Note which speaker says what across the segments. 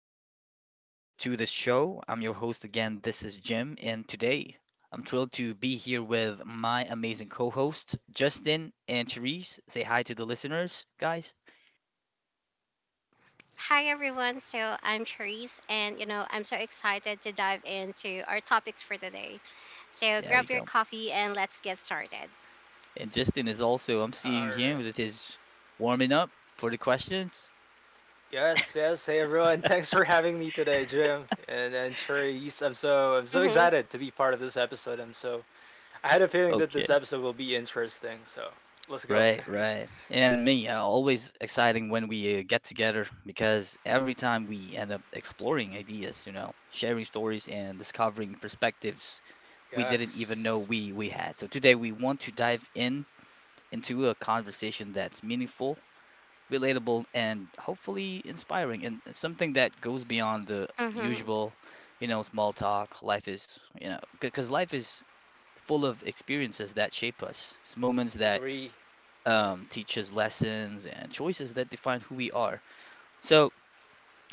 Speaker 1: welcome back to the show. I'm your host again. This is Jim, and today I'm thrilled to be here with my amazing co hosts Justin and Therese. Say hi to the listeners, guys.
Speaker 2: Hi everyone. So I'm Therese and I'm so excited to dive into our topics for today. So
Speaker 1: There we
Speaker 2: grab your
Speaker 1: go.
Speaker 2: coffee and let's get started.
Speaker 1: And Justin is also. I'm seeing him
Speaker 3: Alright.
Speaker 1: with his warming up for the questions.
Speaker 3: Yes, yes. Hey everyone, thanks for having me today, Jim and Therese. I'm so
Speaker 2: Mhm.
Speaker 3: excited to be part of this episode. I had a feeling that this
Speaker 1: Okay.
Speaker 3: episode will be interesting. So let's go.
Speaker 1: Right, right. And me, always exciting when we get together because every time we end up exploring ideas, you know, sharing stories and discovering perspectives we didn't even know
Speaker 3: Yes,
Speaker 1: we had. So today we want to dive in into a conversation that's meaningful, relatable, and hopefully inspiring, and something that goes beyond the
Speaker 2: Mhm.
Speaker 1: usual, you know, small talk. Life is, you know, because life is full of experiences that shape us, it's moments that
Speaker 3: agree. Yes.
Speaker 1: teach us lessons and choices that define who we are. So,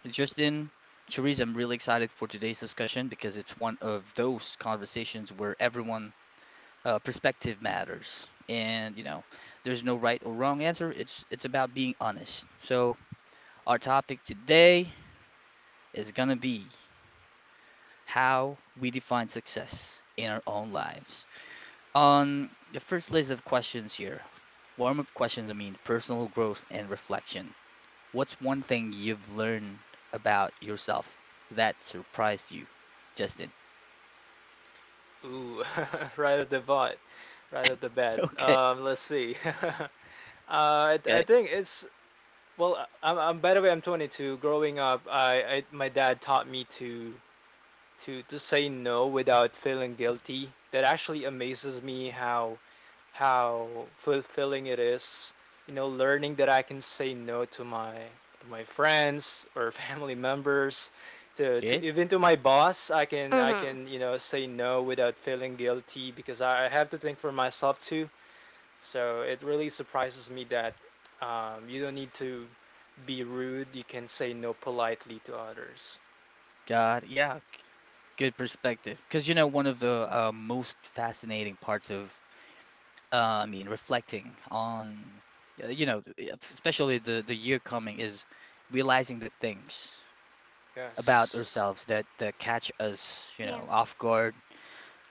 Speaker 1: Justin, Therese, I'm really excited for today's discussion because it's one of those conversations where everyone perspective matters, and you know there's no right or wrong answer. It's about being honest. So our topic today is going to be how we define success in our own lives. On the first list of questions here, warm-up questions, I mean personal growth and reflection. What's one thing you've learned about yourself that surprised you, Justin?
Speaker 3: Ooh, right at the bat, right at the bat.
Speaker 1: Okay.
Speaker 3: Let's see. uh, I
Speaker 1: Okay.
Speaker 3: think well. I- I'm by the way, I'm 22. Growing up, I my dad taught me to to say no without feeling guilty. That actually amazes me how fulfilling it is. You know, learning that I can say no to my friends or family members, to
Speaker 1: Okay.
Speaker 3: even to my boss. I can I
Speaker 2: Mhm.
Speaker 3: can you know say no without feeling guilty because I have to think for myself too. So it really surprises me that you don't need to be rude. You can say no politely to others.
Speaker 1: God, yeah. Good perspective. Because, you know, one of the most fascinating parts of, uh, I mean, reflecting on, you know, especially the year coming is realizing the things about
Speaker 3: Yes.
Speaker 1: ourselves that catch us, you
Speaker 2: Yeah.
Speaker 1: know, off guard,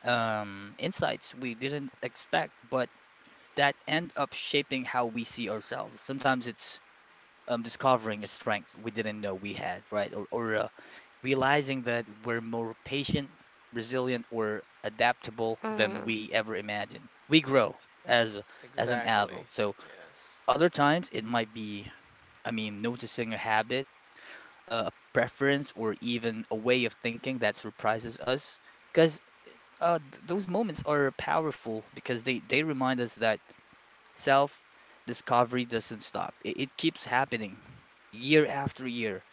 Speaker 1: insights we didn't expect, but that end up shaping how we see ourselves. Sometimes it's discovering a strength we didn't know we had, right? Or, realizing that we're more patient, resilient, or adaptable than
Speaker 2: Mhm.
Speaker 1: we ever imagined. We grow as as an
Speaker 3: Exactly.
Speaker 1: adult. So
Speaker 3: Yes.
Speaker 1: other times it might be, I mean, noticing a habit, a preference, or even a way of thinking that surprises us, because those moments are powerful because they remind us that self discovery doesn't stop. It keeps happening year after year.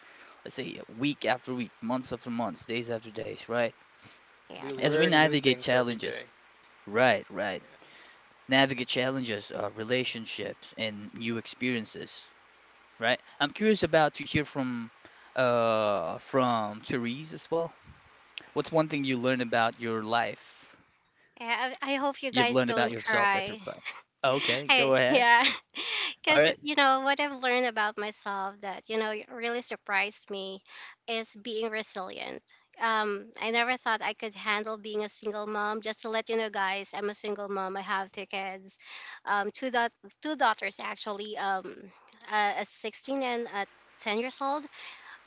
Speaker 1: Let's say week after week, months after months, days after days, right?
Speaker 3: We
Speaker 2: Yeah.
Speaker 1: As we
Speaker 3: learn new
Speaker 1: navigate
Speaker 3: things every day.
Speaker 1: challenges, right, right,
Speaker 3: Yes.
Speaker 1: navigate challenges, relationships, and new experiences, right? I'm curious about to hear from Therese as well. What's one thing you learned about your life?
Speaker 2: Yeah, I hope you
Speaker 1: You've
Speaker 2: guys
Speaker 1: learned about
Speaker 2: don't
Speaker 1: yourself. That's your
Speaker 2: cry.
Speaker 1: reply. Okay,
Speaker 2: I,
Speaker 1: go ahead.
Speaker 2: yeah.
Speaker 1: All
Speaker 2: Because,
Speaker 1: right.
Speaker 2: what I've learned about myself that, really surprised me is being resilient. I never thought I could handle being a single mom. Just to let you know, guys, I'm a single mom. I have two kids, um, two, daugh- two daughters actually, a 16 and a 10 years old.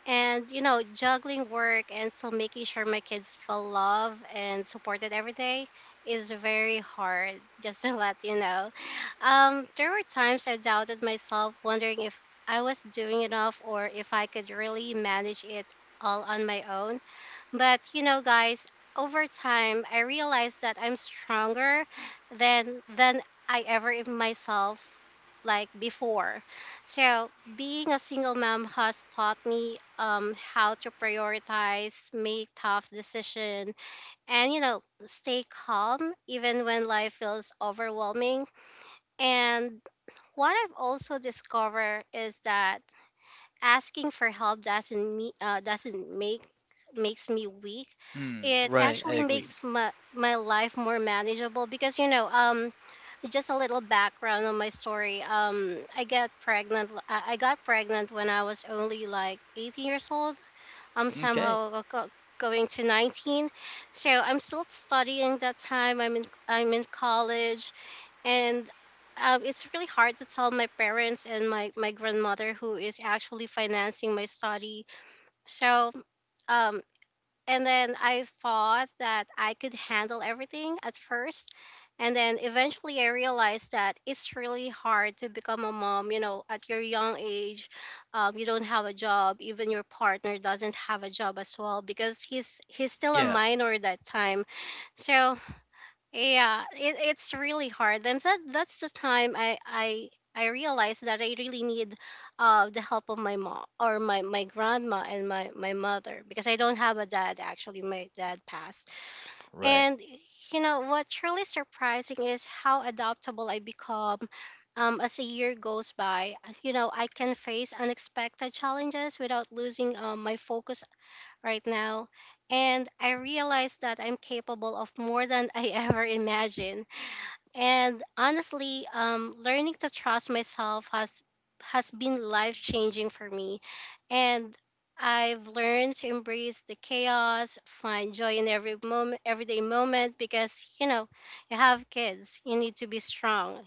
Speaker 2: And you know, juggling work and still making sure my kids feel loved and supported every day is very hard, just to let you know. There were times I doubted myself, wondering if I was doing enough or if I could really manage it all on my own, but you know, guys, over time I realized that I'm stronger than I ever in myself like before. So being a single mom has taught me how to prioritize, make tough decision, and you know, stay calm even when life feels overwhelming. And what I've also discovered is that asking for help doesn't me doesn't make makes me weak.
Speaker 1: Mm,
Speaker 2: It
Speaker 1: right, I
Speaker 2: actually
Speaker 1: agree.
Speaker 2: makes my, my life more manageable because just a little background on my story. I got pregnant when I was only like 18 years old, i'm
Speaker 1: Okay.
Speaker 2: somehow go- going to 19. So I'm still studying that time, I'm in college. And it's really hard to tell my parents and my grandmother who is actually financing my study. so um, and then I thought that I could handle everything at first, and then eventually I realized that it's really hard to become a mom, you know, at your young age. You don't have a job. Even your partner doesn't have a job as well because he's still a
Speaker 1: Yeah,
Speaker 2: minor at that time. So yeah, it, it's really hard, and that's the time I realized that I really need the help of my mom or my grandma and my mother because I don't have a dad actually. My dad passed.
Speaker 1: right.
Speaker 2: And you know what's really surprising is how adaptable I become. As a year goes by, you know, I can face unexpected challenges without losing my focus right now. And I realized that I'm capable of more than I ever imagined. And honestly, learning to trust myself has been life changing for me. And I've learned to embrace the chaos, find joy in every moment, everyday moment, because you know, you have kids, you need to be strong.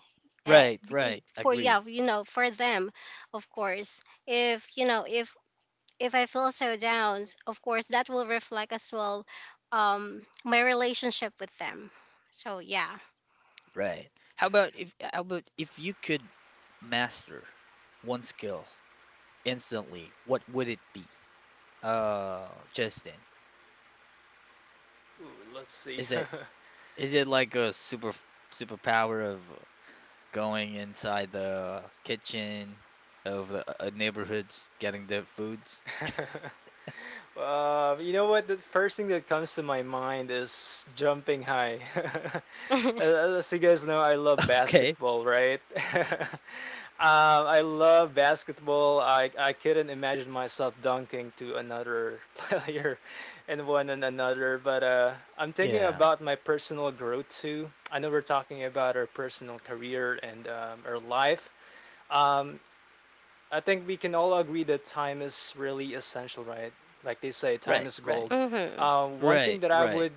Speaker 1: Right,
Speaker 2: Because
Speaker 1: right.
Speaker 2: for yeah,
Speaker 1: Agree.
Speaker 2: you know, for them, of course. If you know, if I feel so down, of course that will reflect as well my relationship with them. So yeah.
Speaker 1: Right. How about if you could master one skill instantly, what would it be? Justin,
Speaker 3: Ooh, let's see.
Speaker 1: is it is it like a superpower of going inside the kitchen of a neighborhood getting their foods?
Speaker 3: You know what? The first thing that comes to my mind is jumping high. As you guys know, I love
Speaker 1: Okay.
Speaker 3: basketball, right? I love basketball. I couldn't imagine myself dunking to another player and one and another. But I'm thinking
Speaker 1: Yeah.
Speaker 3: about my personal growth too. I know we're talking about our personal career and our life. Um, I think we can all agree that time is really essential, right? Like they say, time
Speaker 1: Right,
Speaker 3: is
Speaker 1: right.
Speaker 3: gold.
Speaker 2: Mhm.
Speaker 3: One thing
Speaker 1: Right,
Speaker 3: that I
Speaker 1: right.
Speaker 3: would,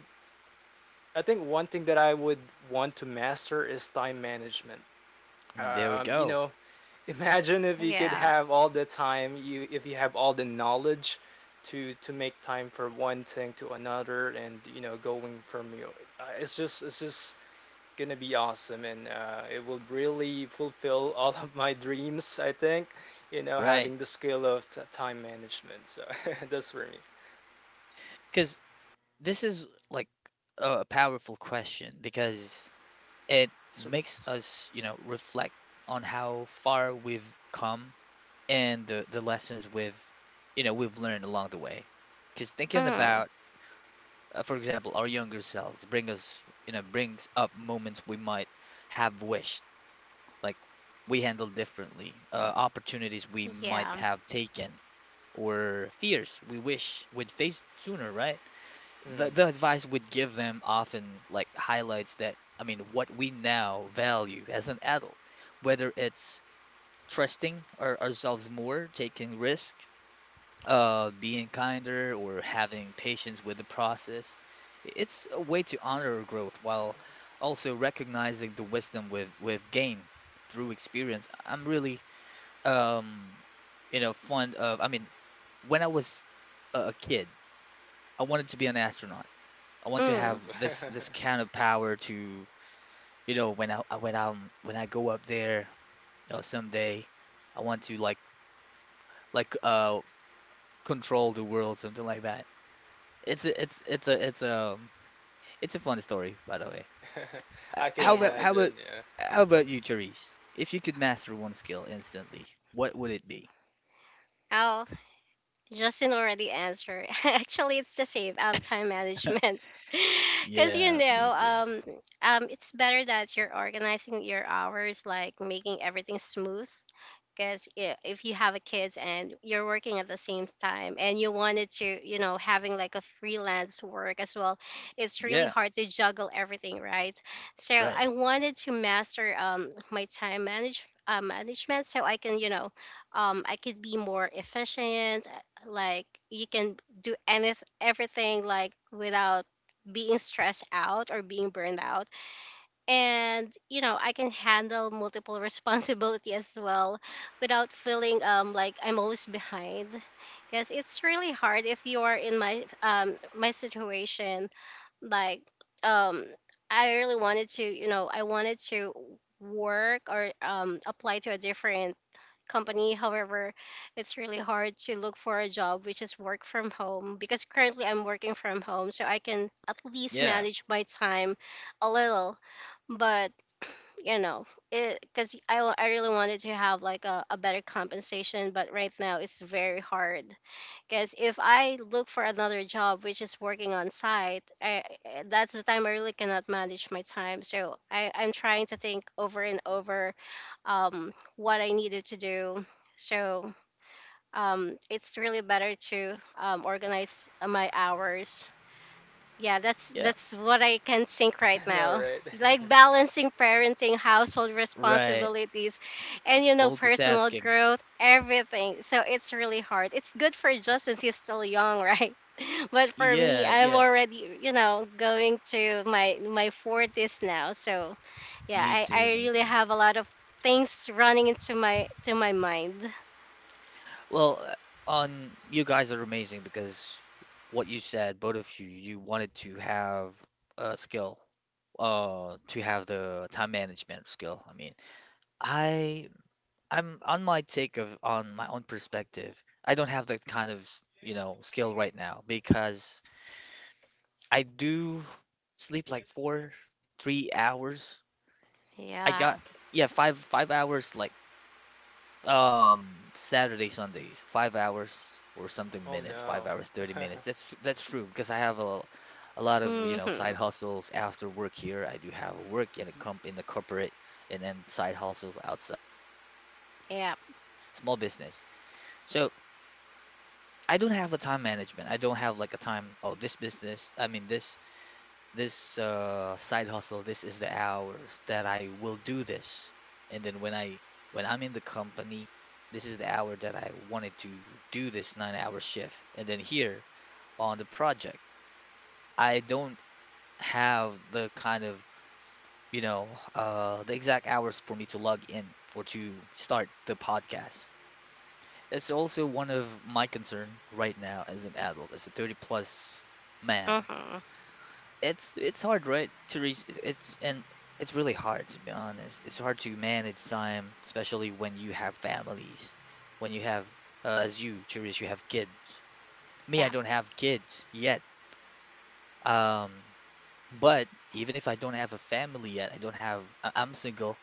Speaker 3: I think one thing that I would want to master is time management.
Speaker 1: Mm, there we
Speaker 3: You
Speaker 1: go.
Speaker 3: know, imagine if you could
Speaker 2: Yeah.
Speaker 3: have all the time, you if you have all the knowledge to make time for one thing to another, and you know, going from you, it's just gonna be awesome and it will really fulfill all of my dreams, I think, you know,
Speaker 1: Right.
Speaker 3: having the skill of time management. So that's for me.
Speaker 1: Because this is like a powerful question because it
Speaker 3: It's-
Speaker 1: makes
Speaker 3: it's-
Speaker 1: us, you know, reflect on how far we've come and the lessons we've we've learned along the way. Cause thinking
Speaker 2: Mm.
Speaker 1: about, for example, our younger selves bring us you know brings up moments we might have wished like we handled differently, opportunities we might
Speaker 2: Yeah.
Speaker 1: have taken, or fears we wish we'd faced sooner, right? The
Speaker 3: hmm.
Speaker 1: the advice we'd give them often like highlights that, I mean, what we now value as an adult, whether it's trusting ourselves more, taking risk, being kinder or having patience with the process. It's a way to honor our growth while also recognizing the wisdom we've gained through experience. I'm really um you know fond of, I mean, when I was a kid, I wanted to be an astronaut. I want to
Speaker 3: Ooh.
Speaker 1: have
Speaker 2: Mm.
Speaker 1: this kind of power to, you know, when I- when I'm when I go up there, you know, someday I want to like control the world, something like that. It's a, it's it's a it's it's a fun story, by the way. Uh,
Speaker 3: I can
Speaker 1: How
Speaker 2: Yeah.
Speaker 1: about how
Speaker 3: imagine,
Speaker 1: about
Speaker 3: yeah.
Speaker 1: how about you, Charisse? If you could master one skill instantly, what would it be?
Speaker 2: Oh, Justin already answered. Actually, it's the same, time management. Because
Speaker 1: Yeah, me too.
Speaker 2: it's better that you're organizing your hours, like making everything smooth. Because if you have a kids and you're working at the same time, and you wanted to, you know, having like a freelance work as well, it's really
Speaker 1: Yeah,
Speaker 2: hard to juggle everything, right? So
Speaker 1: right.
Speaker 2: I wanted to master my time manage management, so I can, you know, I could be more efficient. Like you can do anything, everything, like without being stressed out or being burned out. And you know, I can handle multiple responsibility as well without feeling like I'm always behind. Because it's really hard if you are in my my situation. Like um I really wanted to, you know, I wanted to work or apply to a different company. However, it's really hard to look for a job which is work from home because currently I'm working from home, so I can at least
Speaker 1: Yeah,
Speaker 2: manage my time a little. But you know, because I really wanted to have like a better compensation, but right now it's very hard. Because if I look for another job which is working on site, that's the time I really cannot manage my time. So I, I'm trying to think over and over what I needed to do. So it's really better to organize my hours. Yeah,
Speaker 1: yeah,
Speaker 2: that's what I can think right
Speaker 3: I know,
Speaker 2: now.
Speaker 3: right.
Speaker 2: Like balancing parenting, household
Speaker 1: right.
Speaker 2: responsibilities, and you know, personal
Speaker 1: Multitasking.
Speaker 2: growth, everything. So it's really hard. It's good for Justin; he's still young, right? But for me,
Speaker 1: Yeah,
Speaker 2: I'm
Speaker 1: yeah.
Speaker 2: already, you know, going to my my forties now. So yeah,
Speaker 1: Me
Speaker 2: I
Speaker 1: too, me
Speaker 2: really
Speaker 1: too.
Speaker 2: have a lot of things running into my to my mind.
Speaker 1: Well, on you guys are amazing because what you said, both of you, you wanted to have a skill, to have the time management skill. I mean, I I'm on my take of on my own perspective. I don't have that kind of, you know, skill right now because I do sleep like four, 3 hours. I
Speaker 2: Yeah.
Speaker 1: got yeah, five hours like Saturday, Sundays, 5 hours or something
Speaker 3: Oh
Speaker 1: minutes,
Speaker 3: no.
Speaker 1: 5 hours, 30 minutes. That's true because I have a lot of, you know,
Speaker 2: Hmm.
Speaker 1: side hustles after work here. I do have work in a comp in the corporate, and then side hustles outside. Side business,
Speaker 2: Yep.
Speaker 1: I mean, small business. So I don't have a time management. I don't have like a time, oh, this business, I mean this side hustle, this is the hours that I will do this. And then when I'm in the company, this is the hour that I wanted to do this 9 hour shift. And then here on the project, I don't have the kind of, you know, the exact hours for me to log in for to start the podcast. It's also one of my concern right now as an adult, as a 30 plus man.
Speaker 2: Mhm.
Speaker 1: It's hard, right? To reach it's, and it's really hard, to be honest. It's hard to manage time, especially when you have families, when you have, as you, Cherise, you have kids. Me, I
Speaker 2: Yep.
Speaker 1: don't have kids yet. Um, but even if I don't have a family yet, I don't have I'm single.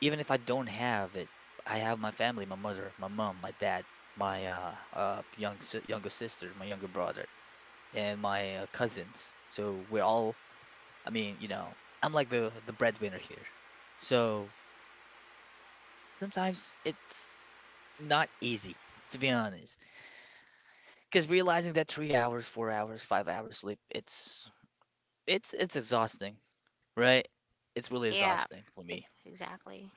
Speaker 1: Even if I don't have it, I have my family, my mother, my mom, my dad, my younger sister, my younger brother, and my cousins. So we're all, I mean, you know, I'm like the breadwinner here. So sometimes it's not easy, to be honest, because realizing that 3 hours, 4 hours, 5 hours sleep, it's exhausting, right? It's really
Speaker 2: Yeah.
Speaker 1: exhausting for me.
Speaker 2: Ex- exactly.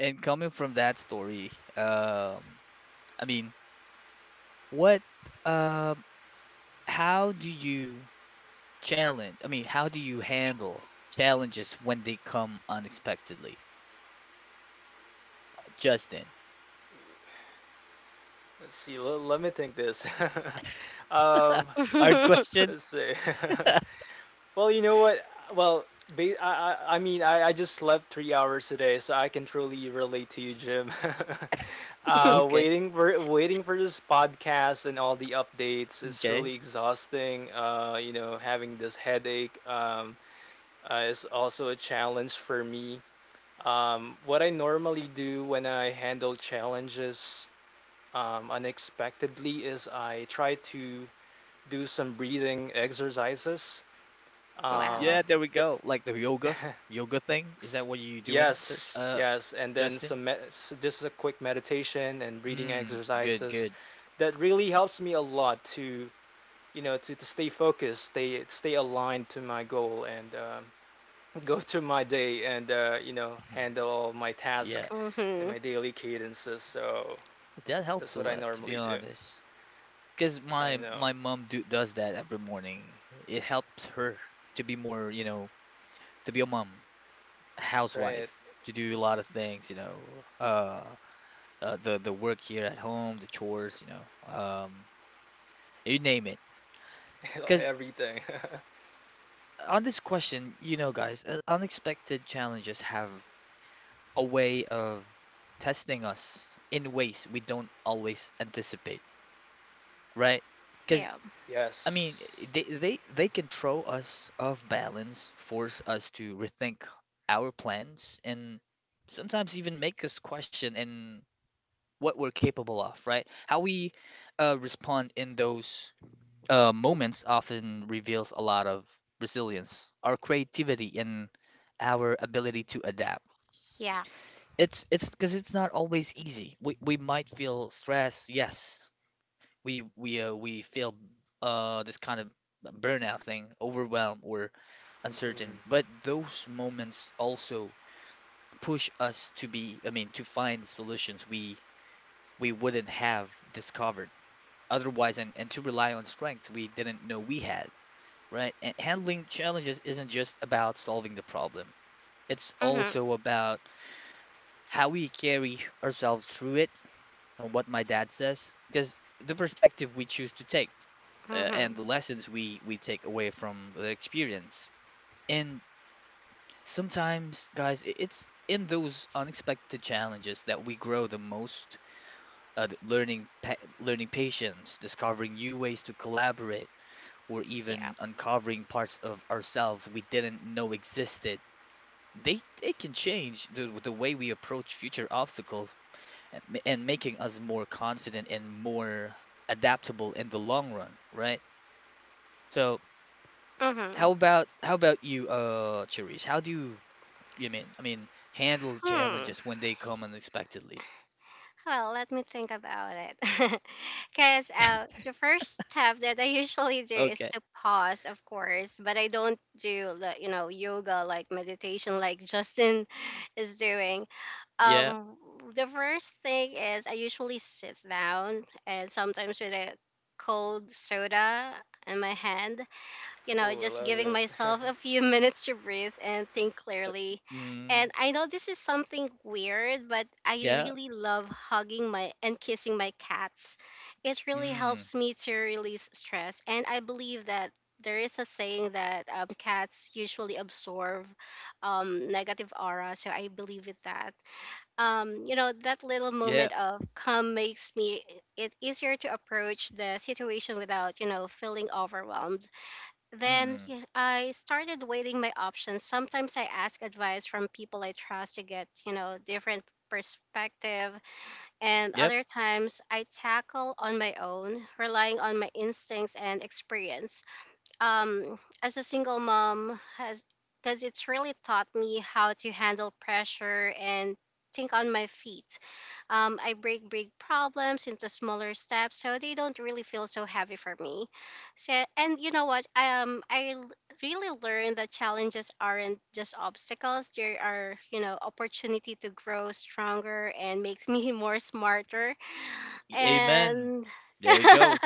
Speaker 1: And coming from that story, I mean, what? Um, How do you how do you handle challenges when they come unexpectedly? Justin,
Speaker 3: Let's see. Let me think this. um
Speaker 1: hard question.
Speaker 3: let's see. Well, you know what? Well, I just slept 3 hours today, so I can truly relate to you, Jim.
Speaker 1: Okay,
Speaker 3: Waiting for this podcast and all the updates is
Speaker 1: okay.
Speaker 3: really exhausting. You know, having this headache, is also a challenge for me. What I normally do when I handle challenges unexpectedly is I try to do some breathing exercises. Um,
Speaker 2: Wow.
Speaker 1: Yeah, there we go. Like the yoga thing. Is that what you doing, sir?
Speaker 3: Yes, yes, and then
Speaker 1: Justin?
Speaker 3: just a quick meditation and breathing
Speaker 1: Mm, good,
Speaker 3: exercises
Speaker 1: good.
Speaker 3: that really helps me a lot to to stay focused, stay aligned to my goal, and go through my day and you know
Speaker 1: Mhm.
Speaker 3: handle all my
Speaker 1: Yeah,
Speaker 3: task and
Speaker 2: Mhm.
Speaker 3: my daily cadences. So
Speaker 1: that
Speaker 3: that's
Speaker 1: helps a
Speaker 3: what I
Speaker 1: lot, to be
Speaker 3: normally do.
Speaker 1: honest. Because
Speaker 3: I
Speaker 1: my
Speaker 3: know,
Speaker 1: mom do, does that every morning. It helps her to be more, you know, to be a mom,
Speaker 3: right?
Speaker 1: housewife, to do a lot of things, you know, the work here at home, the chores, you know, you name it. Because
Speaker 3: Everything.
Speaker 1: on this question, you know, guys, unexpected challenges have a way of testing us in ways we don't always anticipate, right?
Speaker 2: Yep.
Speaker 1: Because I mean,
Speaker 3: Yes.
Speaker 1: they can throw us off balance, force us to rethink our plans, and sometimes even make us question and what we're capable of, right? How we respond in those moments often reveals a lot of resilience, our creativity, and our ability to adapt.
Speaker 2: Yeah.
Speaker 1: It's because it's not always easy. We might feel stress, yes. We feel this kind of burnout thing, overwhelmed or uncertain.
Speaker 3: Mm.
Speaker 1: But those moments also push us to be, I mean, to find solutions we wouldn't have discovered otherwise, and to rely on strengths we didn't know we had, right? And handling challenges isn't just about solving the problem. It's
Speaker 2: Mhm.
Speaker 1: also about how we carry ourselves through it and what my dad says because the perspective we choose to take, and
Speaker 2: Mhm.
Speaker 1: the lessons we take away from the experience. And sometimes guys, it's in those unexpected challenges that we grow the most, learning patience, discovering new ways to collaborate or
Speaker 2: Yeah.
Speaker 1: even uncovering parts of ourselves we didn't know existed. They can change the way we approach future obstacles, and making us more confident and more adaptable in the long run, right? So
Speaker 2: Mhm.
Speaker 1: how about you, Cherise? How do you, I mean, handle
Speaker 2: Hmm.
Speaker 1: challenges when they come unexpectedly?
Speaker 2: Well, let me think about it. Cause the first step that I usually do is
Speaker 1: Okay.
Speaker 2: to pause, of course, but I don't do the you know, yoga like meditation like Justin is doing.
Speaker 1: Yeah.
Speaker 2: um the first thing is I usually sit down, and sometimes with a cold soda in my hand, you know,
Speaker 3: Oh, I
Speaker 2: just
Speaker 3: love
Speaker 2: giving
Speaker 3: it.
Speaker 2: myself a few minutes to breathe and think clearly.
Speaker 1: Mm,
Speaker 2: And I know this is something weird, but I
Speaker 1: yeah.
Speaker 2: really love hugging my and kissing my cats. It really
Speaker 1: Mm,
Speaker 2: helps me to release stress, and I believe that there is a saying that cats usually absorb negative aura, so I believe in that. You know, that little
Speaker 1: yeah.
Speaker 2: moment of calm makes me it easier to approach the situation without, you know, feeling overwhelmed. Then
Speaker 1: Mm,
Speaker 2: yeah, I started weighing my options. Sometimes I ask advice from people I trust to get, you know, different perspective, and
Speaker 1: yep.
Speaker 2: other times I tackle on my own relying on my instincts and experience as a single mom has, because it's really taught me how to handle pressure and think on my feet. I break big problems into smaller steps so they don't really feel so heavy for me. So, and you know what? Really learned that challenges aren't just obstacles. They are, you know, opportunity to grow stronger and makes me more smarter.
Speaker 1: Amen.
Speaker 2: And
Speaker 1: There we go.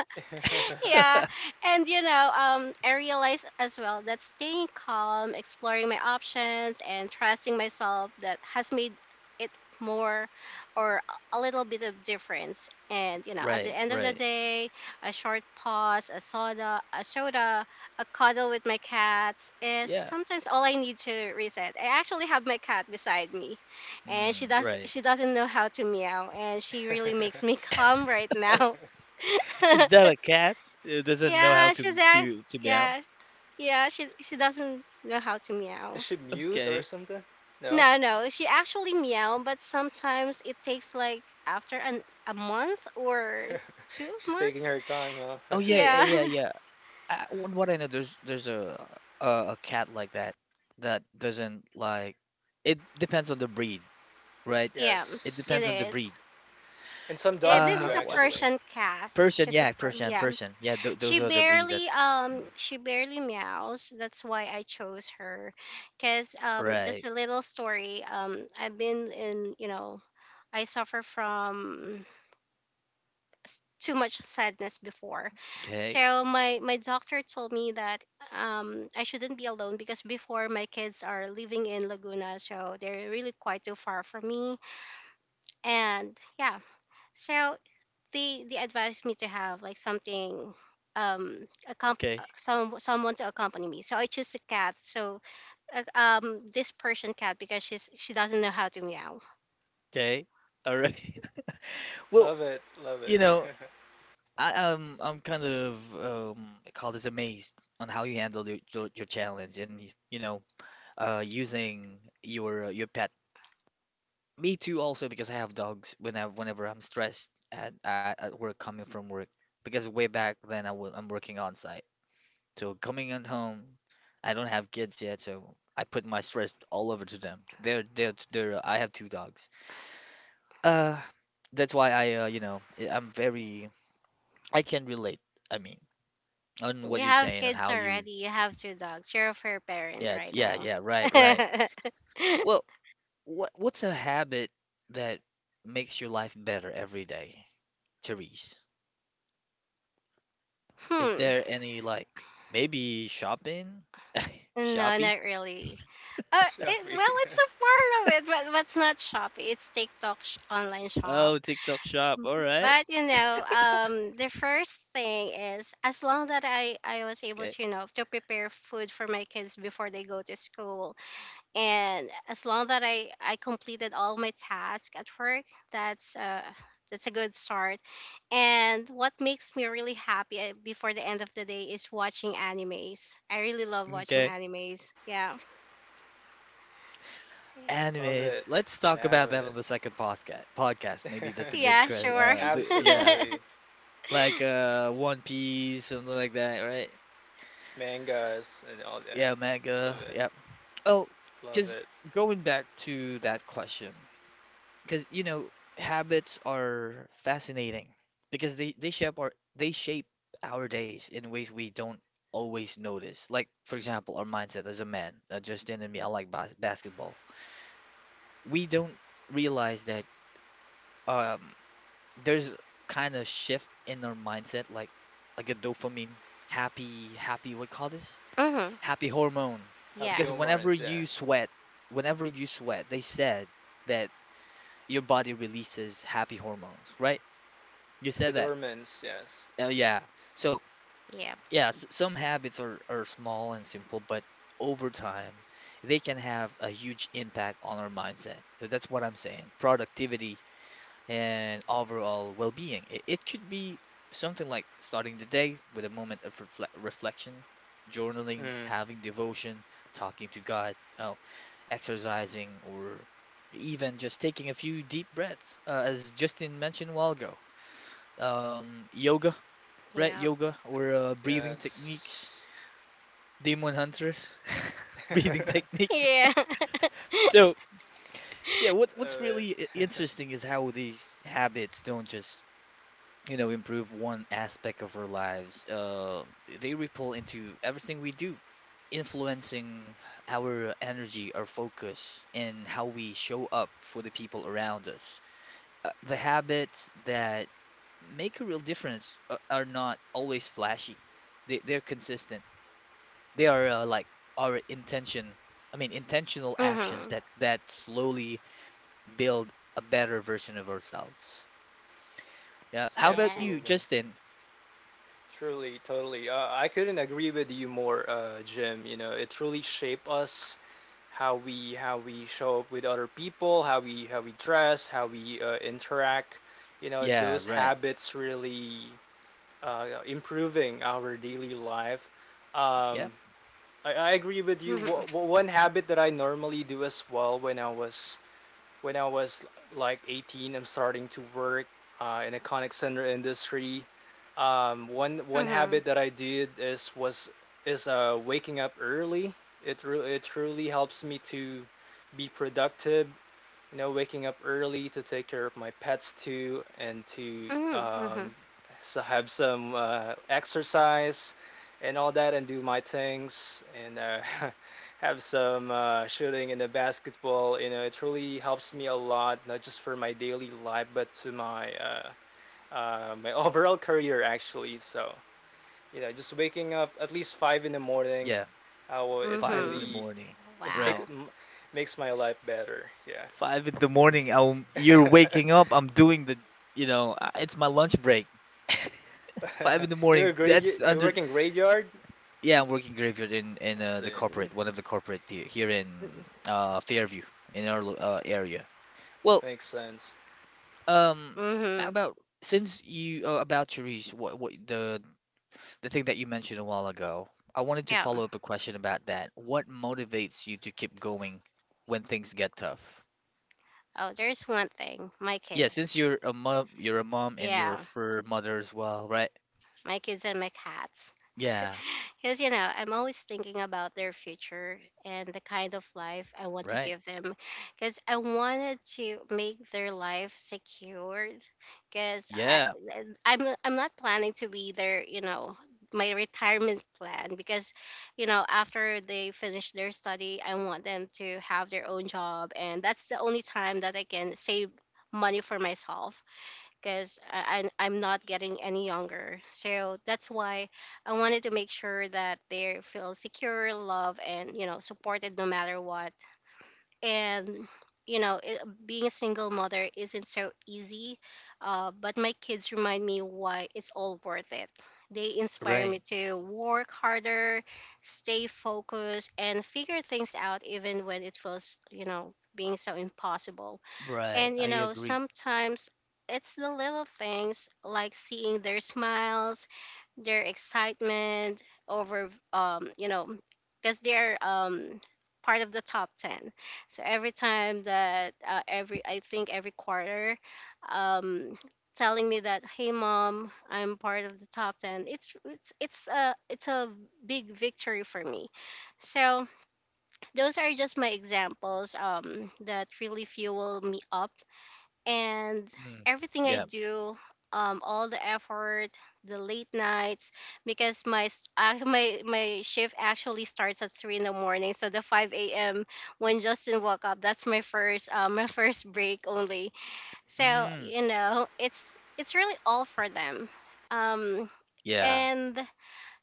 Speaker 2: yeah. And you know, I realized as well that staying calm, exploring my options, and trusting myself that has made it more or a little bit of difference. And you know, at the
Speaker 1: Right,
Speaker 2: end of the
Speaker 1: right.
Speaker 2: day, a short pause, a soda, a cuddle with my cats is
Speaker 1: Yeah.
Speaker 2: sometimes all I need to reset. I actually have my cat beside me, and
Speaker 1: Mm, right.
Speaker 2: she doesn't know how to meow, and she really makes me calm right now.
Speaker 1: Is that a cat? It doesn't know how
Speaker 2: Yeah, she's a
Speaker 1: to meow.
Speaker 2: yeah, yeah. She doesn't know how to
Speaker 3: Is
Speaker 2: meow.
Speaker 3: she mute or
Speaker 1: Okay.
Speaker 3: something? No,
Speaker 2: No, no, she actually meow, but sometimes it takes like after an a month or two
Speaker 3: she's taking
Speaker 2: months.
Speaker 3: her time, huh?
Speaker 1: Oh yeah, yeah, yeah.
Speaker 2: Yeah,
Speaker 1: yeah. What I know, a a cat like that that doesn't like. It depends on the breed, right?
Speaker 2: yeah,
Speaker 1: It
Speaker 2: it
Speaker 1: depends on
Speaker 3: Yes.
Speaker 1: the
Speaker 2: is.
Speaker 1: breed.
Speaker 3: And some
Speaker 2: Eh,
Speaker 3: dogs
Speaker 2: this
Speaker 3: do
Speaker 2: is a
Speaker 1: What
Speaker 3: actually.
Speaker 2: Persian cat.
Speaker 1: Persian? Yeah,
Speaker 2: Yeah.
Speaker 1: Persian, Yeah, th those are the breed that. Mm,
Speaker 2: She barely meows. That's why I chose her, cause
Speaker 1: right.
Speaker 2: just a little story. I've been in you know, I suffer from too much sadness before.
Speaker 1: Okay.
Speaker 2: So my doctor told me that I shouldn't be alone because before my kids are living in Laguna, so they're really quite too far from me. And yeah, so they advised me to have like something
Speaker 1: Okay.
Speaker 2: some someone to accompany me, so I choose a cat. So this Persian cat because she doesn't know how to meow.
Speaker 1: Okay. All right. Well,
Speaker 3: Love it. Love
Speaker 1: you
Speaker 3: it.
Speaker 1: know, I'm kind of I call this amazed on how you handled your challenge and you know using your pet. Me too also because I have dogs when I whenever I'm stressed at work coming from work because way back then I am working on site. So coming on home, I don't have kids yet, so I put my stress all over to them. They're I have two dogs. Uh that's why I you know I'm very I can relate. I mean on what
Speaker 2: You
Speaker 1: you're
Speaker 2: have
Speaker 1: saying on
Speaker 2: kids
Speaker 1: how you
Speaker 2: already, you have two dogs, you're a fair parent
Speaker 1: yeah,
Speaker 2: right
Speaker 1: yeah,
Speaker 2: now.
Speaker 1: yeah, right, right. Well, what what's a habit that makes your life better every day, Therese? Is
Speaker 2: Hmm.
Speaker 1: there any like maybe shopping?
Speaker 2: No,
Speaker 1: Shopee?
Speaker 2: not really. It,
Speaker 3: Shelby.
Speaker 2: well, it's a part of it, but what's not Shopee? It's TikTok online shop.
Speaker 1: Oh, TikTok shop, all right.
Speaker 2: But you know, the first thing is as long that I was able
Speaker 1: Okay,
Speaker 2: to you know to prepare food for my kids before they go to school, and as long that I completed all my tasks at work, that's uh that's a good start. And what makes me really happy before the end of the day is watching animes. I really love watching
Speaker 1: okay,
Speaker 2: animes. Yeah. See?
Speaker 3: Love
Speaker 1: anyways,
Speaker 3: it.
Speaker 1: let's talk
Speaker 3: Love
Speaker 1: about that
Speaker 3: it.
Speaker 1: on the second podcast maybe. That's a good
Speaker 2: Yeah,
Speaker 1: cre-
Speaker 2: sure.
Speaker 1: the, Yeah,
Speaker 3: Absolutely.
Speaker 1: like One Piece, something like that, right?
Speaker 3: Mangas and all
Speaker 1: Yeah,
Speaker 3: that.
Speaker 1: manga,
Speaker 3: Love it.
Speaker 1: yeah. Oh,
Speaker 3: Love
Speaker 1: because
Speaker 3: it.
Speaker 1: going back to that question, because you know, habits are fascinating because they shape our days in ways we don't always notice. Like for example, our mindset as a man, Justin and me, I like basketball. We don't realize that um there's kind of shift in our mindset, like a dopamine, happy, what call this?
Speaker 2: Mhm.
Speaker 1: Happy hormone.
Speaker 2: Yeah.
Speaker 1: Because whenever
Speaker 3: Hapiomorans,
Speaker 1: you
Speaker 3: yeah.
Speaker 1: sweat, whenever you sweat, they said that your body releases happy hormones, right? You said that.
Speaker 3: Epidormans, yes.
Speaker 1: Oh yeah. So
Speaker 2: Yep.
Speaker 1: yeah, some habits are small and simple, but over time they can have a huge impact on our mindset. So that's what I'm saying, productivity and overall well-being. It could be something like starting the day with a moment of reflection, journaling,
Speaker 3: Mm.
Speaker 1: having devotion, talking to God. Oh, exercising, or even just taking a few deep breaths, as Justin mentioned a while ago. Yoga, right?
Speaker 2: Yep.
Speaker 1: Yoga or breathing techniques,
Speaker 3: Yes.
Speaker 1: demon hunters, breathing technique.
Speaker 2: Yeah.
Speaker 1: So, yeah, what's
Speaker 3: Love it.
Speaker 1: really interesting is how these habits don't just, you know, improve one aspect of our lives. They ripple into everything we do, influencing our energy, our focus, and how we show up for the people around us. Uh, the habits that make a real difference are not always flashy. They they're consistent. They are like our intention. I mean, intentional actions
Speaker 2: Mhm.
Speaker 1: that slowly build a better version of ourselves. Yeah. How about you,
Speaker 3: Absolutely.
Speaker 2: Yes.
Speaker 1: Justin?
Speaker 3: Truly, totally. I couldn't agree with you more, Jim. You know, it truly shaped us how we show up with other people, how we dress, how we interact. You know,
Speaker 1: Yeah.
Speaker 3: those
Speaker 1: Right.
Speaker 3: habits really improving our daily life. Um,
Speaker 1: Yep.
Speaker 3: I agree with you.
Speaker 2: Mhm.
Speaker 3: One habit that I normally do as well when I was when I was like 18, I'm starting to work in a contact center industry. One
Speaker 2: Mhm.
Speaker 3: habit that I did is waking up early. It truly helps me to be productive, you know, waking up early to take care of my pets too, and to
Speaker 2: Mhm. Mhm.
Speaker 3: have some exercise and all that, and do my things, and have some shooting in the basketball. You know, it really helps me a lot, not just for my daily life, but to my my overall career actually. So, you know, just waking up at least five in the morning,
Speaker 1: Yeah.
Speaker 3: well, it
Speaker 1: Five in the
Speaker 2: Mhm.
Speaker 3: really
Speaker 1: morning.
Speaker 3: like
Speaker 1: Right.
Speaker 2: Wow.
Speaker 3: m- makes my life better. Yeah.
Speaker 1: Five in the morning. You're waking up. I'm doing the. You know, it's my lunch break. Five in the
Speaker 3: You're a
Speaker 1: morning.
Speaker 3: graveyard.
Speaker 1: That's
Speaker 3: You
Speaker 1: under.
Speaker 3: work in graveyard.
Speaker 1: Yeah, I'm working graveyard in in
Speaker 3: I
Speaker 1: uh, the
Speaker 3: see.
Speaker 2: Mhm.
Speaker 1: corporate, one of the corporate here, here in Fairview in our area. Well,
Speaker 3: Makes sense.
Speaker 1: um, how
Speaker 2: Mhm.
Speaker 1: about since you about Cherish, what the thing that you mentioned a while ago, I wanted to
Speaker 2: Yeah.
Speaker 1: follow up a question about that. What motivates you to keep going when things get tough?
Speaker 2: Oh, there's one thing, my
Speaker 1: Yeah,
Speaker 2: kids.
Speaker 1: since you're a mom and you're a
Speaker 2: Yeah,
Speaker 1: fur mother as well, right?
Speaker 2: my kids and my cats.
Speaker 1: Yeah,
Speaker 2: Because, you know, I'm always thinking about their future and the kind of life I want to
Speaker 1: right.
Speaker 2: give them. Because I wanted to make their life secured. Because
Speaker 1: Yeah,
Speaker 2: I I'm not planning to be their, you know, my retirement plan. Because, you know, after they finish their study, I want them to have their own job. And that's the only time that I can save money for myself because I'm not getting any younger. So that's why I wanted to make sure that they feel secure, loved, and supported no matter what. And, you know, it, Being a single mother isn't so easy, but my kids remind me why it's all worth it. They inspire me
Speaker 1: right,
Speaker 2: to work harder, stay focused, and figure things out even when it feels being so impossible.
Speaker 1: right. I agree.
Speaker 2: Sometimes it's the little things like seeing their smiles, their excitement over because they're part of the top 10. So every time that, I think every quarter, um, telling me that, hey, mom, I'm part of the top 10. It's a big victory for me. So those are just my examples that really fuel me up. And
Speaker 1: Mm,
Speaker 2: everything I
Speaker 1: yeah.
Speaker 2: do, all the effort, the late nights, because my s- my my shift actually starts at 3 in the morning. So the 5 a.m. when Justin woke up, that's my first my first break only. So
Speaker 1: Mm,
Speaker 2: it's really all for them, um,
Speaker 1: yeah.
Speaker 2: and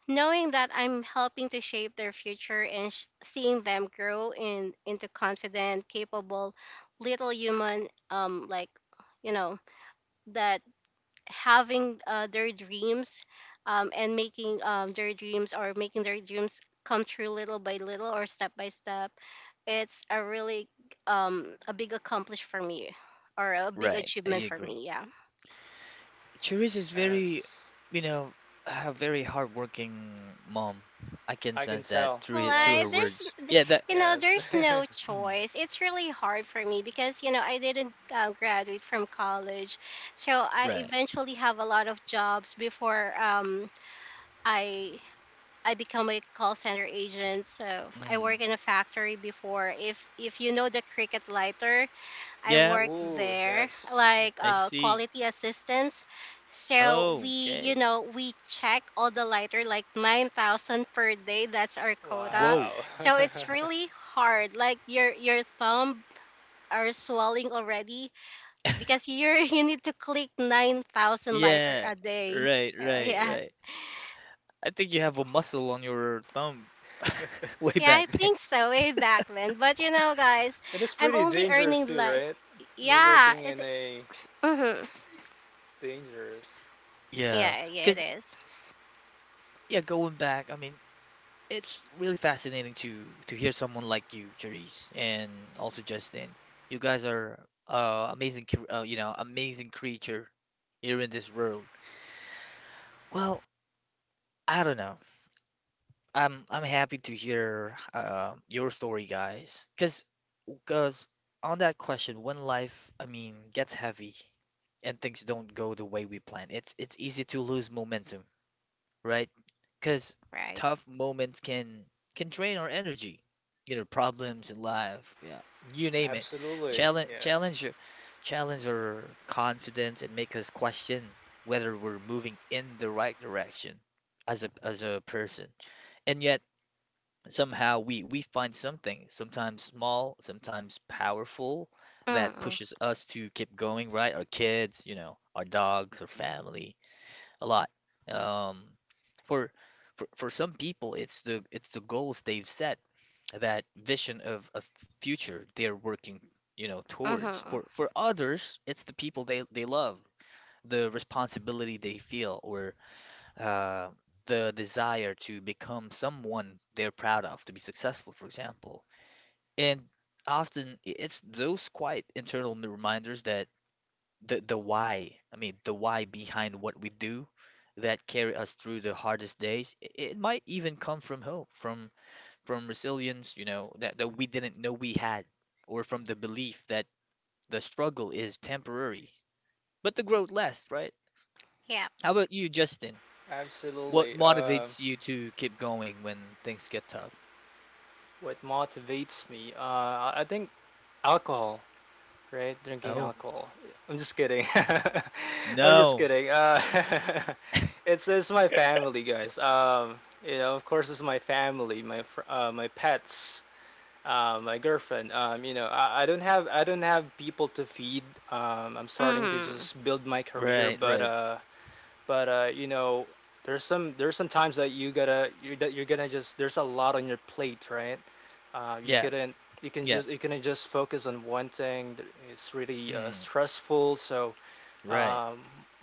Speaker 2: knowing that I'm helping to shape their future and seeing them grow in into confident, capable, little human, you know that having their dreams and making their dreams, or making their dreams come true little by little or step by step. It's a really a big accomplish for me, or a big
Speaker 1: Right, I
Speaker 2: achievement for
Speaker 1: agree.
Speaker 2: me. Yeah.
Speaker 1: Cherise is very,
Speaker 3: Yes,
Speaker 1: you know, a very hardworking mom. I can
Speaker 3: I can
Speaker 1: sense that
Speaker 3: tell.
Speaker 1: through it, through
Speaker 2: Like
Speaker 1: her
Speaker 3: Yes,
Speaker 2: there's
Speaker 1: words. Yeah, that.
Speaker 2: you know
Speaker 3: yes.
Speaker 2: there's no
Speaker 1: Mm,
Speaker 2: choice it's really hard for me because you know I didn't graduate from college. So I
Speaker 1: right.
Speaker 2: eventually have a lot of jobs before i I become a call center agent. So I
Speaker 1: Mm,
Speaker 2: work in a factory before. If you know the Cricket Lighter, I
Speaker 1: yeah,
Speaker 2: work
Speaker 3: Ooh,
Speaker 2: there
Speaker 3: yes.
Speaker 2: like
Speaker 1: I see.
Speaker 2: quality assistance. So
Speaker 1: Oh,
Speaker 2: we
Speaker 1: okay.
Speaker 2: we check all the lighter like 9,000 per day. That's our quota.
Speaker 1: Whoa.
Speaker 3: Wow.
Speaker 2: So it's really hard. Like your thumb are swelling already because you're you need to click 9,000 lighter
Speaker 1: Yeah.
Speaker 2: a day.
Speaker 1: Right,
Speaker 2: So
Speaker 1: right,
Speaker 2: yeah.
Speaker 1: right. I think you have a muscle on your thumb way
Speaker 2: Yeah, I
Speaker 1: back then.
Speaker 2: think so way back then. But you know, guys,
Speaker 3: It is
Speaker 2: I'm
Speaker 3: pretty
Speaker 2: only
Speaker 3: dangerous
Speaker 2: earning
Speaker 3: too,
Speaker 2: like,
Speaker 3: right? You know,
Speaker 2: yeah,
Speaker 3: working
Speaker 2: it.
Speaker 3: in a
Speaker 2: Mhm.
Speaker 3: it's dangerous.
Speaker 1: Yeah,
Speaker 2: Yeah, yeah, it
Speaker 1: because
Speaker 2: is.
Speaker 1: yeah, going back, I mean, it's really fascinating to hear someone like you, Therese, and also Justin. You guys are amazing, you know, amazing creature here in this world. Well, I don't know. I'm happy to hear your story, guys, because because on that question, when life, I mean, gets heavy and things don't go the way we plan, it's easy to lose momentum, right? Because
Speaker 2: Right.
Speaker 1: tough moments can drain our energy, you know, problems in life, yeah, you name it.
Speaker 3: Absolutely.
Speaker 1: challenge
Speaker 3: Yeah.
Speaker 1: challenge your- Challenge our confidence and make us question whether we're moving in the right direction as a person. And yet somehow we find something, sometimes small, sometimes powerful, that
Speaker 2: Mhm.
Speaker 1: pushes us to keep going, right? Our kids, you know, our dogs, our family, a lot. Um, for for some people it's the goals they've set, that vision of a future they're working, you know, towards.
Speaker 2: Mhm.
Speaker 1: For others it's the people they love, the responsibility they feel, or uh the desire to become someone they're proud of, to be successful for example. And often, it's those quiet internal reminders, that the why, I mean, the why behind what we do, that carry us through the hardest days. It might even come from hope, from resilience, you know, that, that we didn't know we had, or from the belief that the struggle is temporary but the growth lasts, right?
Speaker 2: Yep.
Speaker 1: How about you, Justin? What
Speaker 3: Absolutely.
Speaker 1: motivates you to keep going when things get tough?
Speaker 3: What motivates me? I think alcohol. Right? Drinking
Speaker 1: Oh,
Speaker 3: alcohol. I'm just kidding. I'm just
Speaker 1: no.
Speaker 3: kidding. It's my family, guys. You know, of course, it's my family, my pets, my girlfriend. You know, I don't have people to feed. I'm starting to
Speaker 2: Mhm.
Speaker 3: just build my career,
Speaker 1: Right, right.
Speaker 3: but you know, there's some times that you gotta you that you're gonna just there's a lot on your plate, right? You
Speaker 1: Yeah,
Speaker 3: couldn't
Speaker 1: yeah.
Speaker 3: you can just focus on one thing. It's really
Speaker 1: Mm,
Speaker 3: stressful, so
Speaker 1: right,
Speaker 3: um,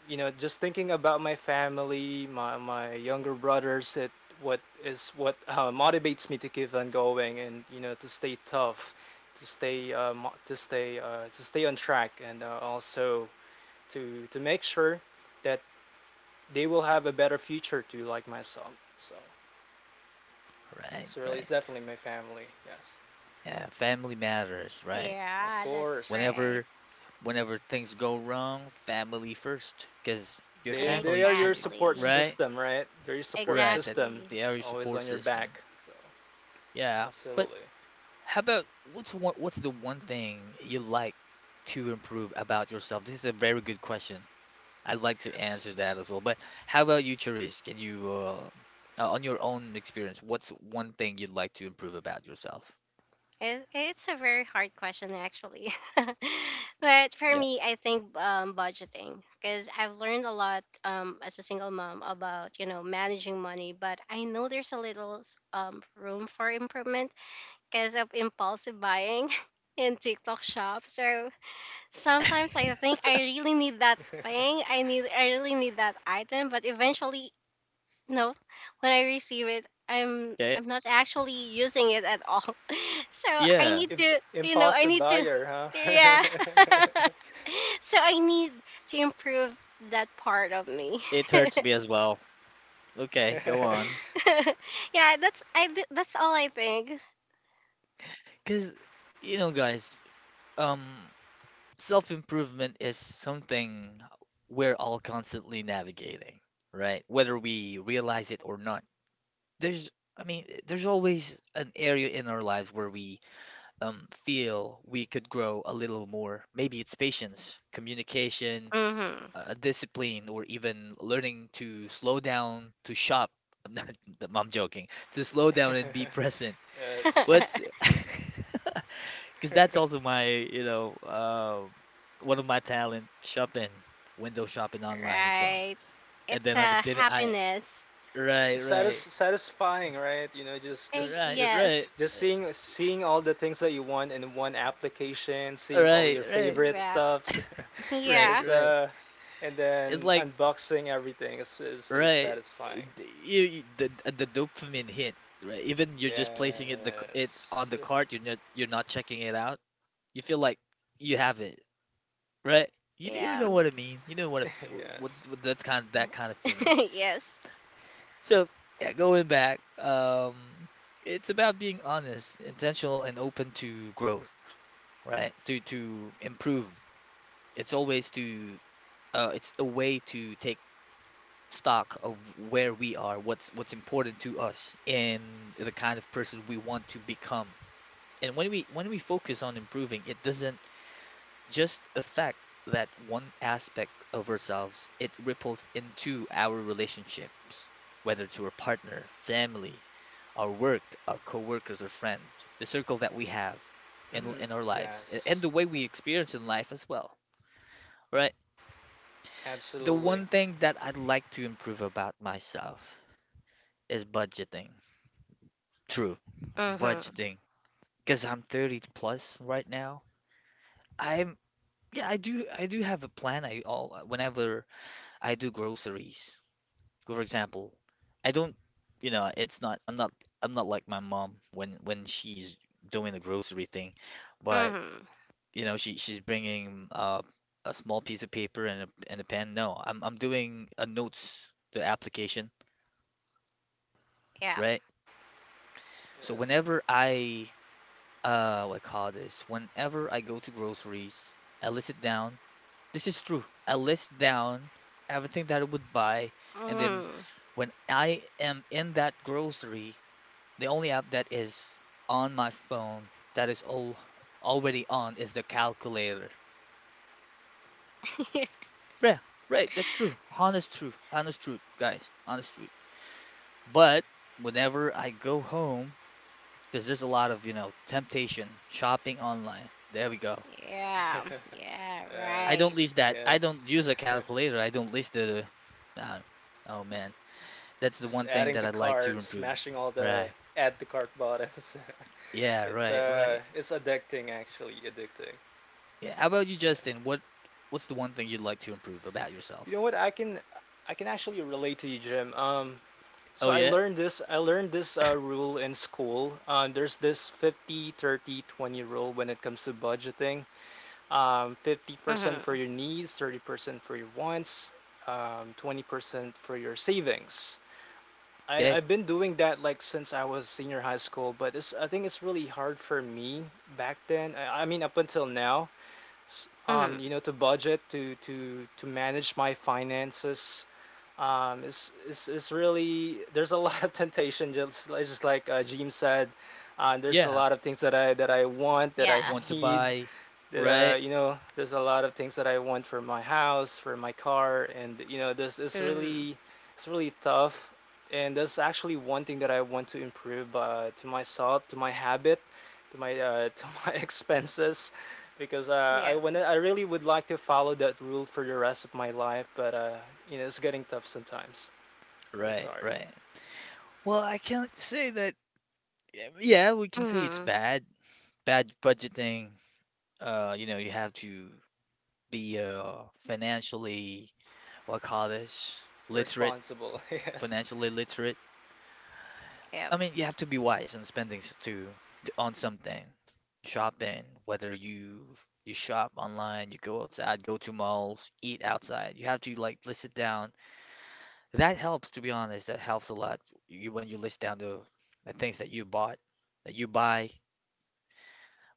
Speaker 3: you know, just thinking about my family, my younger brothers, it what is what motivates me to keep on going and you know to stay tough, to stay on track, and also to make sure that they will have a better future too, like myself. So
Speaker 1: right,
Speaker 3: it's really
Speaker 1: right.
Speaker 3: it's definitely my family. Yes,
Speaker 1: Yeah, family matters, right?
Speaker 3: of
Speaker 2: Yeah, that's
Speaker 3: course.
Speaker 2: right.
Speaker 1: Whenever, whenever things go wrong, family first, because your
Speaker 3: They
Speaker 1: family
Speaker 3: are your
Speaker 1: can,
Speaker 3: support
Speaker 2: Exactly.
Speaker 1: right?
Speaker 3: system, right? They're your support
Speaker 1: Right, that
Speaker 3: system.
Speaker 2: Exactly.
Speaker 1: they are
Speaker 3: It's
Speaker 1: your
Speaker 3: always
Speaker 1: support
Speaker 3: on your
Speaker 1: system.
Speaker 3: back. So
Speaker 1: Yeah, but
Speaker 3: absolutely.
Speaker 1: how about what's the one thing you like to improve about yourself? This is a very good question. I'd like to
Speaker 3: Yes.
Speaker 1: answer that as well. But how about you, Cherise? Can you, on your own experience, what's one thing you'd like to improve about yourself?
Speaker 2: It's a very hard question, actually. But for
Speaker 1: Yeah.
Speaker 2: me, I think budgeting, because I've learned a lot as a single mom about, you know, managing money. But I know there's a little room for improvement because of impulsive buying in TikTok shop. So sometimes I think I really need that thing. I really need that item. But eventually, no, when I receive it,
Speaker 1: Okay.
Speaker 2: I'm not actually using it at all. So I
Speaker 1: Yeah.
Speaker 2: need
Speaker 3: Imp-
Speaker 2: to, you know, I
Speaker 3: impulsive
Speaker 2: need to,
Speaker 3: buyer, huh?
Speaker 2: yeah. So I need to improve that part of me.
Speaker 1: It hurts me as well. Okay, go on.
Speaker 2: Yeah, that's all I think.
Speaker 1: Because, you know, guys. Um, self-improvement is something we're all constantly navigating, right? Whether we realize it or not. There's, I mean, there's always an area in our lives where we feel we could grow a little more. Maybe it's patience, communication,
Speaker 2: Mm-hmm.
Speaker 1: discipline, or even learning to slow down, to shop. I'm not, I'm joking. To slow down and be present.
Speaker 3: Yes.
Speaker 1: What's because that's also my, you know, one of my talent, shopping, window shopping online as well.
Speaker 2: Right.
Speaker 1: And
Speaker 2: It's
Speaker 1: then I
Speaker 2: a
Speaker 1: didn't, I,
Speaker 2: happiness.
Speaker 1: right,
Speaker 3: Satis-
Speaker 1: right,
Speaker 3: satisfying, right? You know, just
Speaker 1: right,
Speaker 2: Eg-
Speaker 1: right, right,
Speaker 2: yes.
Speaker 3: just seeing all the things that you want in one application, seeing all
Speaker 1: right,
Speaker 3: your
Speaker 1: right,
Speaker 3: favorite
Speaker 2: Wrap.
Speaker 3: stuffs.
Speaker 1: right,
Speaker 2: Yeah.
Speaker 3: It's
Speaker 1: right.
Speaker 3: and
Speaker 1: It's
Speaker 3: then
Speaker 1: like,
Speaker 3: unboxing everything is
Speaker 1: right,
Speaker 3: satisfying.
Speaker 1: the dopamine hit, right? Even you're just placing it on
Speaker 3: Yes,
Speaker 1: the cart, you're not checking it out. You feel like you have it, right? You
Speaker 2: Yeah.
Speaker 1: know what I mean? You know what,
Speaker 3: yes,
Speaker 1: what that's kind of, that kind of feeling.
Speaker 2: Yes.
Speaker 1: So, yeah, going back, it's about being honest, intentional, and open to growth, right? To improve. It's always to it's a way to take stock of where we are, what's important to us, and the kind of person we want to become. And when we focus on improving, it doesn't just affect that one aspect of ourselves, it ripples into our relationships, whether to our partner, family, our work, our coworkers, or friend, the circle that we have
Speaker 3: mhm.
Speaker 1: in our lives, and
Speaker 3: Yes,
Speaker 1: the way we experience in life as well, right? The
Speaker 3: absolutely.
Speaker 1: one thing that I'd like to improve about myself is budgeting. True,
Speaker 2: Mm-hmm.
Speaker 1: budgeting. Because I'm 30 plus right now. I'm Yeah, I do have a plan. I all whenever I do groceries. For example, I don't, you know, it's not, I'm not, I'm not like my mom when she's doing the grocery thing, but
Speaker 2: Mm-hmm.
Speaker 1: you know, she she's bringing a small piece of paper and a pen. No, I'm doing a notes the application,
Speaker 2: Yeah.
Speaker 1: right? So
Speaker 3: Yes,
Speaker 1: whenever I what I call this, whenever I go to groceries, I list it down. This is true. I list down everything that I would buy, and then
Speaker 2: Mm-hmm.
Speaker 1: when I am in that grocery, the only app that is on my phone that is all already on is the calculator. Yeah, right, that's true. Honest truth. Honest truth, guys. Honest truth. But whenever I go home, because there's a lot of, you know, temptation, shopping online. There we go.
Speaker 2: Yeah, yeah,
Speaker 1: I don't
Speaker 2: right.
Speaker 1: use
Speaker 3: yes,
Speaker 1: that. I don't
Speaker 3: yes.
Speaker 1: use a calculator. I don't list the. Uh, oh man, that's the
Speaker 3: Just
Speaker 1: one thing
Speaker 3: adding
Speaker 1: that
Speaker 3: the
Speaker 1: I'd like to
Speaker 3: cart,
Speaker 1: improve.
Speaker 3: smashing all the
Speaker 1: Right.
Speaker 3: add to cart buttons.
Speaker 1: Yeah, right, right.
Speaker 3: It's addicting actually, addicting.
Speaker 1: Yeah. How about you,
Speaker 3: You know.
Speaker 1: Justin? What what's the one thing you'd like to improve about
Speaker 3: You
Speaker 1: yourself?
Speaker 3: know what? I can actually relate to you, Jim.
Speaker 1: Oh
Speaker 3: So
Speaker 1: yeah?
Speaker 3: I learned this rule in school. There's this 50-30-20 rule when it comes to budgeting. 50% for
Speaker 2: Mm-hmm.
Speaker 3: your needs, 30% for your wants, 20% for your savings. I,
Speaker 1: Okay.
Speaker 3: I've been doing that like since I was senior high school, but it's, I think it's really hard for me back then. I mean, up until now
Speaker 2: Mm-hmm.
Speaker 3: you know, to budget, to manage my finances. It's really there's a lot of temptation just like Jim said. There's a
Speaker 1: Yeah.
Speaker 3: lot of things that I want that I
Speaker 2: Yeah.
Speaker 1: Want to
Speaker 3: need,
Speaker 1: buy.
Speaker 3: that
Speaker 1: Right.
Speaker 3: you know there's a lot of things that I want for my house, for my car, and you know this is
Speaker 2: Mm-hmm.
Speaker 3: really it's really tough. And there's actually one thing that I want to improve to myself, to my habit, to my expenses, because
Speaker 2: Yep.
Speaker 3: I really would like to follow that rule for the rest of my life, but you know it's getting tough sometimes. It's
Speaker 1: Right.
Speaker 3: hard,
Speaker 1: Right. Well, I can't say that. Yeah, we can say it's
Speaker 2: Mm-hmm.
Speaker 1: bad. Bad budgeting. You know, you have to be financially what call this? Literate.
Speaker 3: responsible, yes.
Speaker 1: Financially literate.
Speaker 2: Yep.
Speaker 1: I mean, you have to be wise on spending to on something. Shopping, whether you you shop online, you go outside, go to malls, eat outside. You have to like list it down. That helps, to be honest. That helps a lot. You when you list down the things that you bought, that you buy.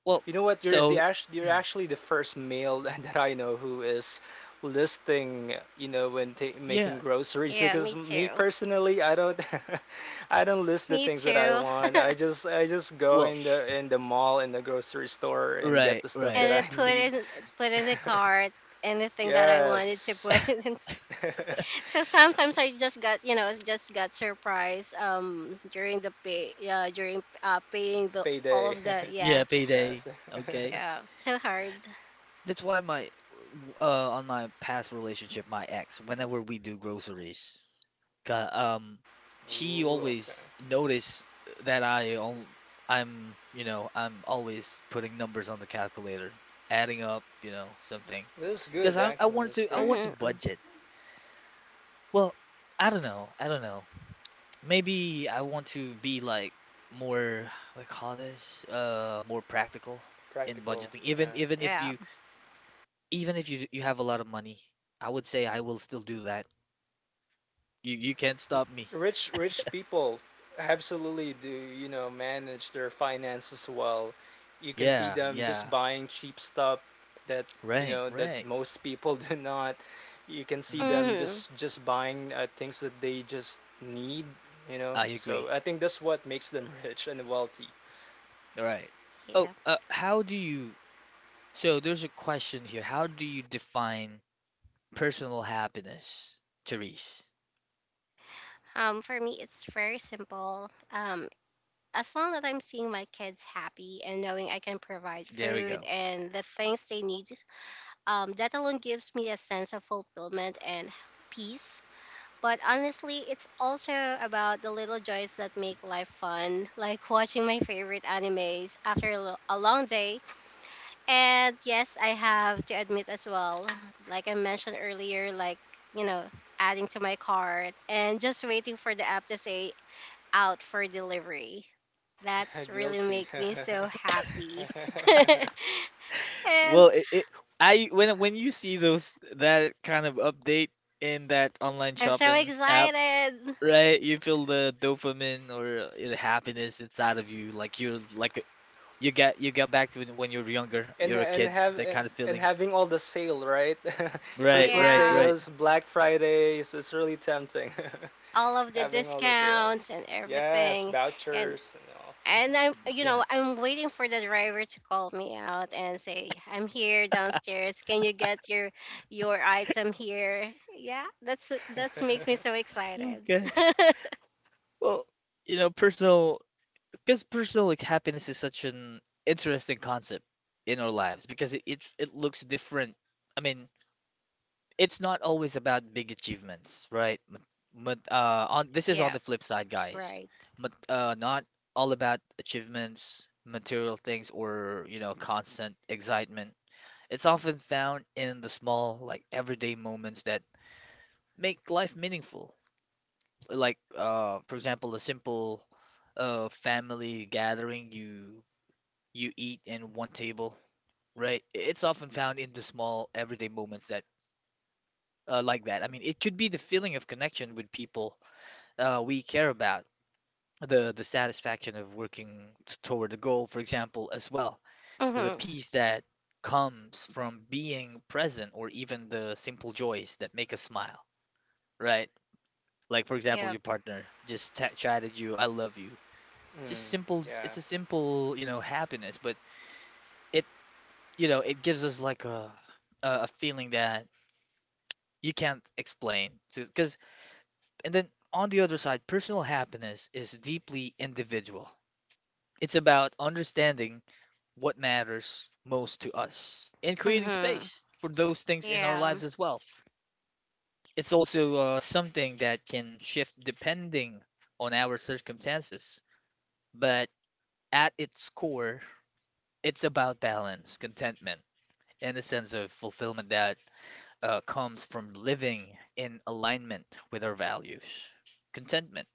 Speaker 1: Well,
Speaker 3: You know what?
Speaker 1: so
Speaker 3: You're
Speaker 1: mm,
Speaker 3: actually the first male that I know who is listing. You know, when making
Speaker 1: yeah.
Speaker 3: groceries,
Speaker 2: Yeah,
Speaker 3: because
Speaker 2: me
Speaker 3: me
Speaker 2: too.
Speaker 3: personally, I don't, I don't list the
Speaker 2: Me
Speaker 3: things that I
Speaker 2: too.
Speaker 3: want. I just go
Speaker 1: Well,
Speaker 3: in the mall in the grocery store and get
Speaker 1: right,
Speaker 3: the stuff
Speaker 2: And
Speaker 1: right.
Speaker 3: that I
Speaker 2: then put
Speaker 3: need.
Speaker 2: in put in the cart anything that I wanted to
Speaker 3: Yes,
Speaker 2: put in. So sometimes I just got surprised during the pay, yeah, during paying the all
Speaker 3: payday.
Speaker 2: of the,
Speaker 1: Yeah,
Speaker 2: yeah.
Speaker 1: payday.
Speaker 3: Yes.
Speaker 1: Okay.
Speaker 2: Yeah, so hard.
Speaker 1: That's why my on my past relationship, my ex, whenever we do groceries, ca- um, she
Speaker 3: Ooh, okay.
Speaker 1: always notice that I'm, you know, I'm always putting numbers on the calculator, adding up, you know, something.
Speaker 3: This is good
Speaker 1: Because I
Speaker 3: actually.
Speaker 1: want
Speaker 3: This is
Speaker 1: to I
Speaker 3: great.
Speaker 1: want to
Speaker 2: Mm-hmm.
Speaker 1: budget. Well, I don't know. I don't know. Maybe I want to be like more, what do you call this? More practical in
Speaker 3: Practical.
Speaker 1: budgeting. Even
Speaker 3: Yeah.
Speaker 1: even if
Speaker 2: Yeah.
Speaker 1: you even if you have a lot of money, I would say I will still do that. You can't stop me.
Speaker 3: Rich rich people absolutely do you know manage their finances well, you can see
Speaker 1: Yeah,
Speaker 3: them just
Speaker 1: yeah.
Speaker 3: buying cheap stuff that you
Speaker 1: Right,
Speaker 3: know that
Speaker 1: right.
Speaker 3: most people do not, you can see
Speaker 1: Mm,
Speaker 3: them
Speaker 2: Mm-hmm.
Speaker 3: just buying things that they just need, you know,
Speaker 1: I
Speaker 3: so
Speaker 1: agree.
Speaker 3: I think that's what makes them rich and wealthy.
Speaker 1: Right. Oh,
Speaker 2: Yeah.
Speaker 1: how do you? So there's a question here. How do you define personal happiness, Therese?
Speaker 2: For me, it's very simple. As long as I'm seeing my kids happy and knowing I can provide
Speaker 1: There we
Speaker 2: food
Speaker 1: go.
Speaker 2: and the things they need, that alone gives me a sense of fulfillment and peace. But honestly, it's also about the little joys that make life fun, like watching my favorite animes after a long day. And yes, I have to admit as well, like I mentioned earlier, like, you know, adding to my cart and just waiting for the app to say out for delivery. That's really
Speaker 3: Guilty.
Speaker 2: make me so happy. And
Speaker 1: Well, it I when you see those that kind of update in that online
Speaker 2: I'm so
Speaker 1: shopping app,
Speaker 2: excited.
Speaker 1: right? You feel the dopamine or you know, happiness inside of you, like you're like you get back to when you're younger,
Speaker 3: and
Speaker 1: you're a
Speaker 3: and
Speaker 1: kid,
Speaker 3: have
Speaker 1: that kind of
Speaker 3: and
Speaker 1: feeling.
Speaker 3: having all the sale, right?
Speaker 1: Right,
Speaker 3: Christmas
Speaker 1: right,
Speaker 2: Yeah,
Speaker 1: right.
Speaker 3: sales, Black Fridays, it's really tempting.
Speaker 2: all of the
Speaker 3: Having all the sales.
Speaker 2: discounts and
Speaker 3: Yes,
Speaker 2: everything. and
Speaker 3: vouchers and all.
Speaker 2: and I'm, you know,
Speaker 1: Yeah.
Speaker 2: I'm waiting for the driver to call me out and say, "I'm here downstairs. Can you get your item here?" Yeah, that's that makes me so excited.
Speaker 1: Okay. Well, you know, personal because personal like happiness is such an interesting concept in our lives because it looks different. I mean, it's not always about big achievements, right? But on this is on
Speaker 2: Yeah,
Speaker 1: the flip side, guys.
Speaker 2: right.
Speaker 1: But not all about achievements, material things, or you know, constant excitement. It's often found in the small, like everyday moments that make life meaningful. Like, for example, a simple, family gathering you you eat in one table, right? It's often found in the small everyday moments that, like that. I mean, it could be the feeling of connection with people we care about, the satisfaction of toward a goal, for example, as well, the
Speaker 2: Mhm.
Speaker 1: peace that comes from being present or even the simple joys that make us smile. Right? Like for example,
Speaker 2: Yep.
Speaker 1: your partner just ta chatted you, "I love you." It's just
Speaker 3: Mm.
Speaker 1: simple.
Speaker 3: Yeah,
Speaker 1: It's a simple, you know, happiness, but it, you know, it gives us like a feeling that you can't explain. Because and then on the other side, personal happiness is deeply individual. It's about understanding what matters most to us and creating
Speaker 2: Mhm.
Speaker 1: space for those things in our lives
Speaker 2: Yeah.
Speaker 1: as well. It's also something that can shift depending on our circumstances, but at its core, it's about balance, contentment, and a sense of fulfillment that comes from living in alignment with our values. Contentment.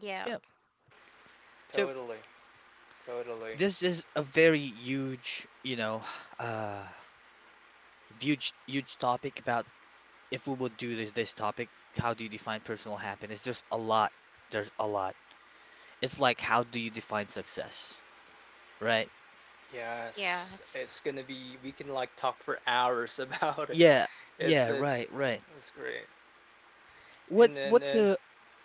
Speaker 2: Yeah.
Speaker 1: Yeah. So
Speaker 3: totally, totally.
Speaker 1: this is a very huge, you know, uh, huge topic about if we will do this, this topic, how do you define personal happiness? There's a lot. There's a lot. It's like how do you define success, right?
Speaker 3: Yes,
Speaker 2: Yes.
Speaker 3: it's gonna be. We can like talk for hours about it.
Speaker 1: Yeah.
Speaker 3: It's
Speaker 1: Yeah,
Speaker 3: it's
Speaker 1: right, right.
Speaker 3: it's great. And
Speaker 1: What what's
Speaker 3: then
Speaker 1: a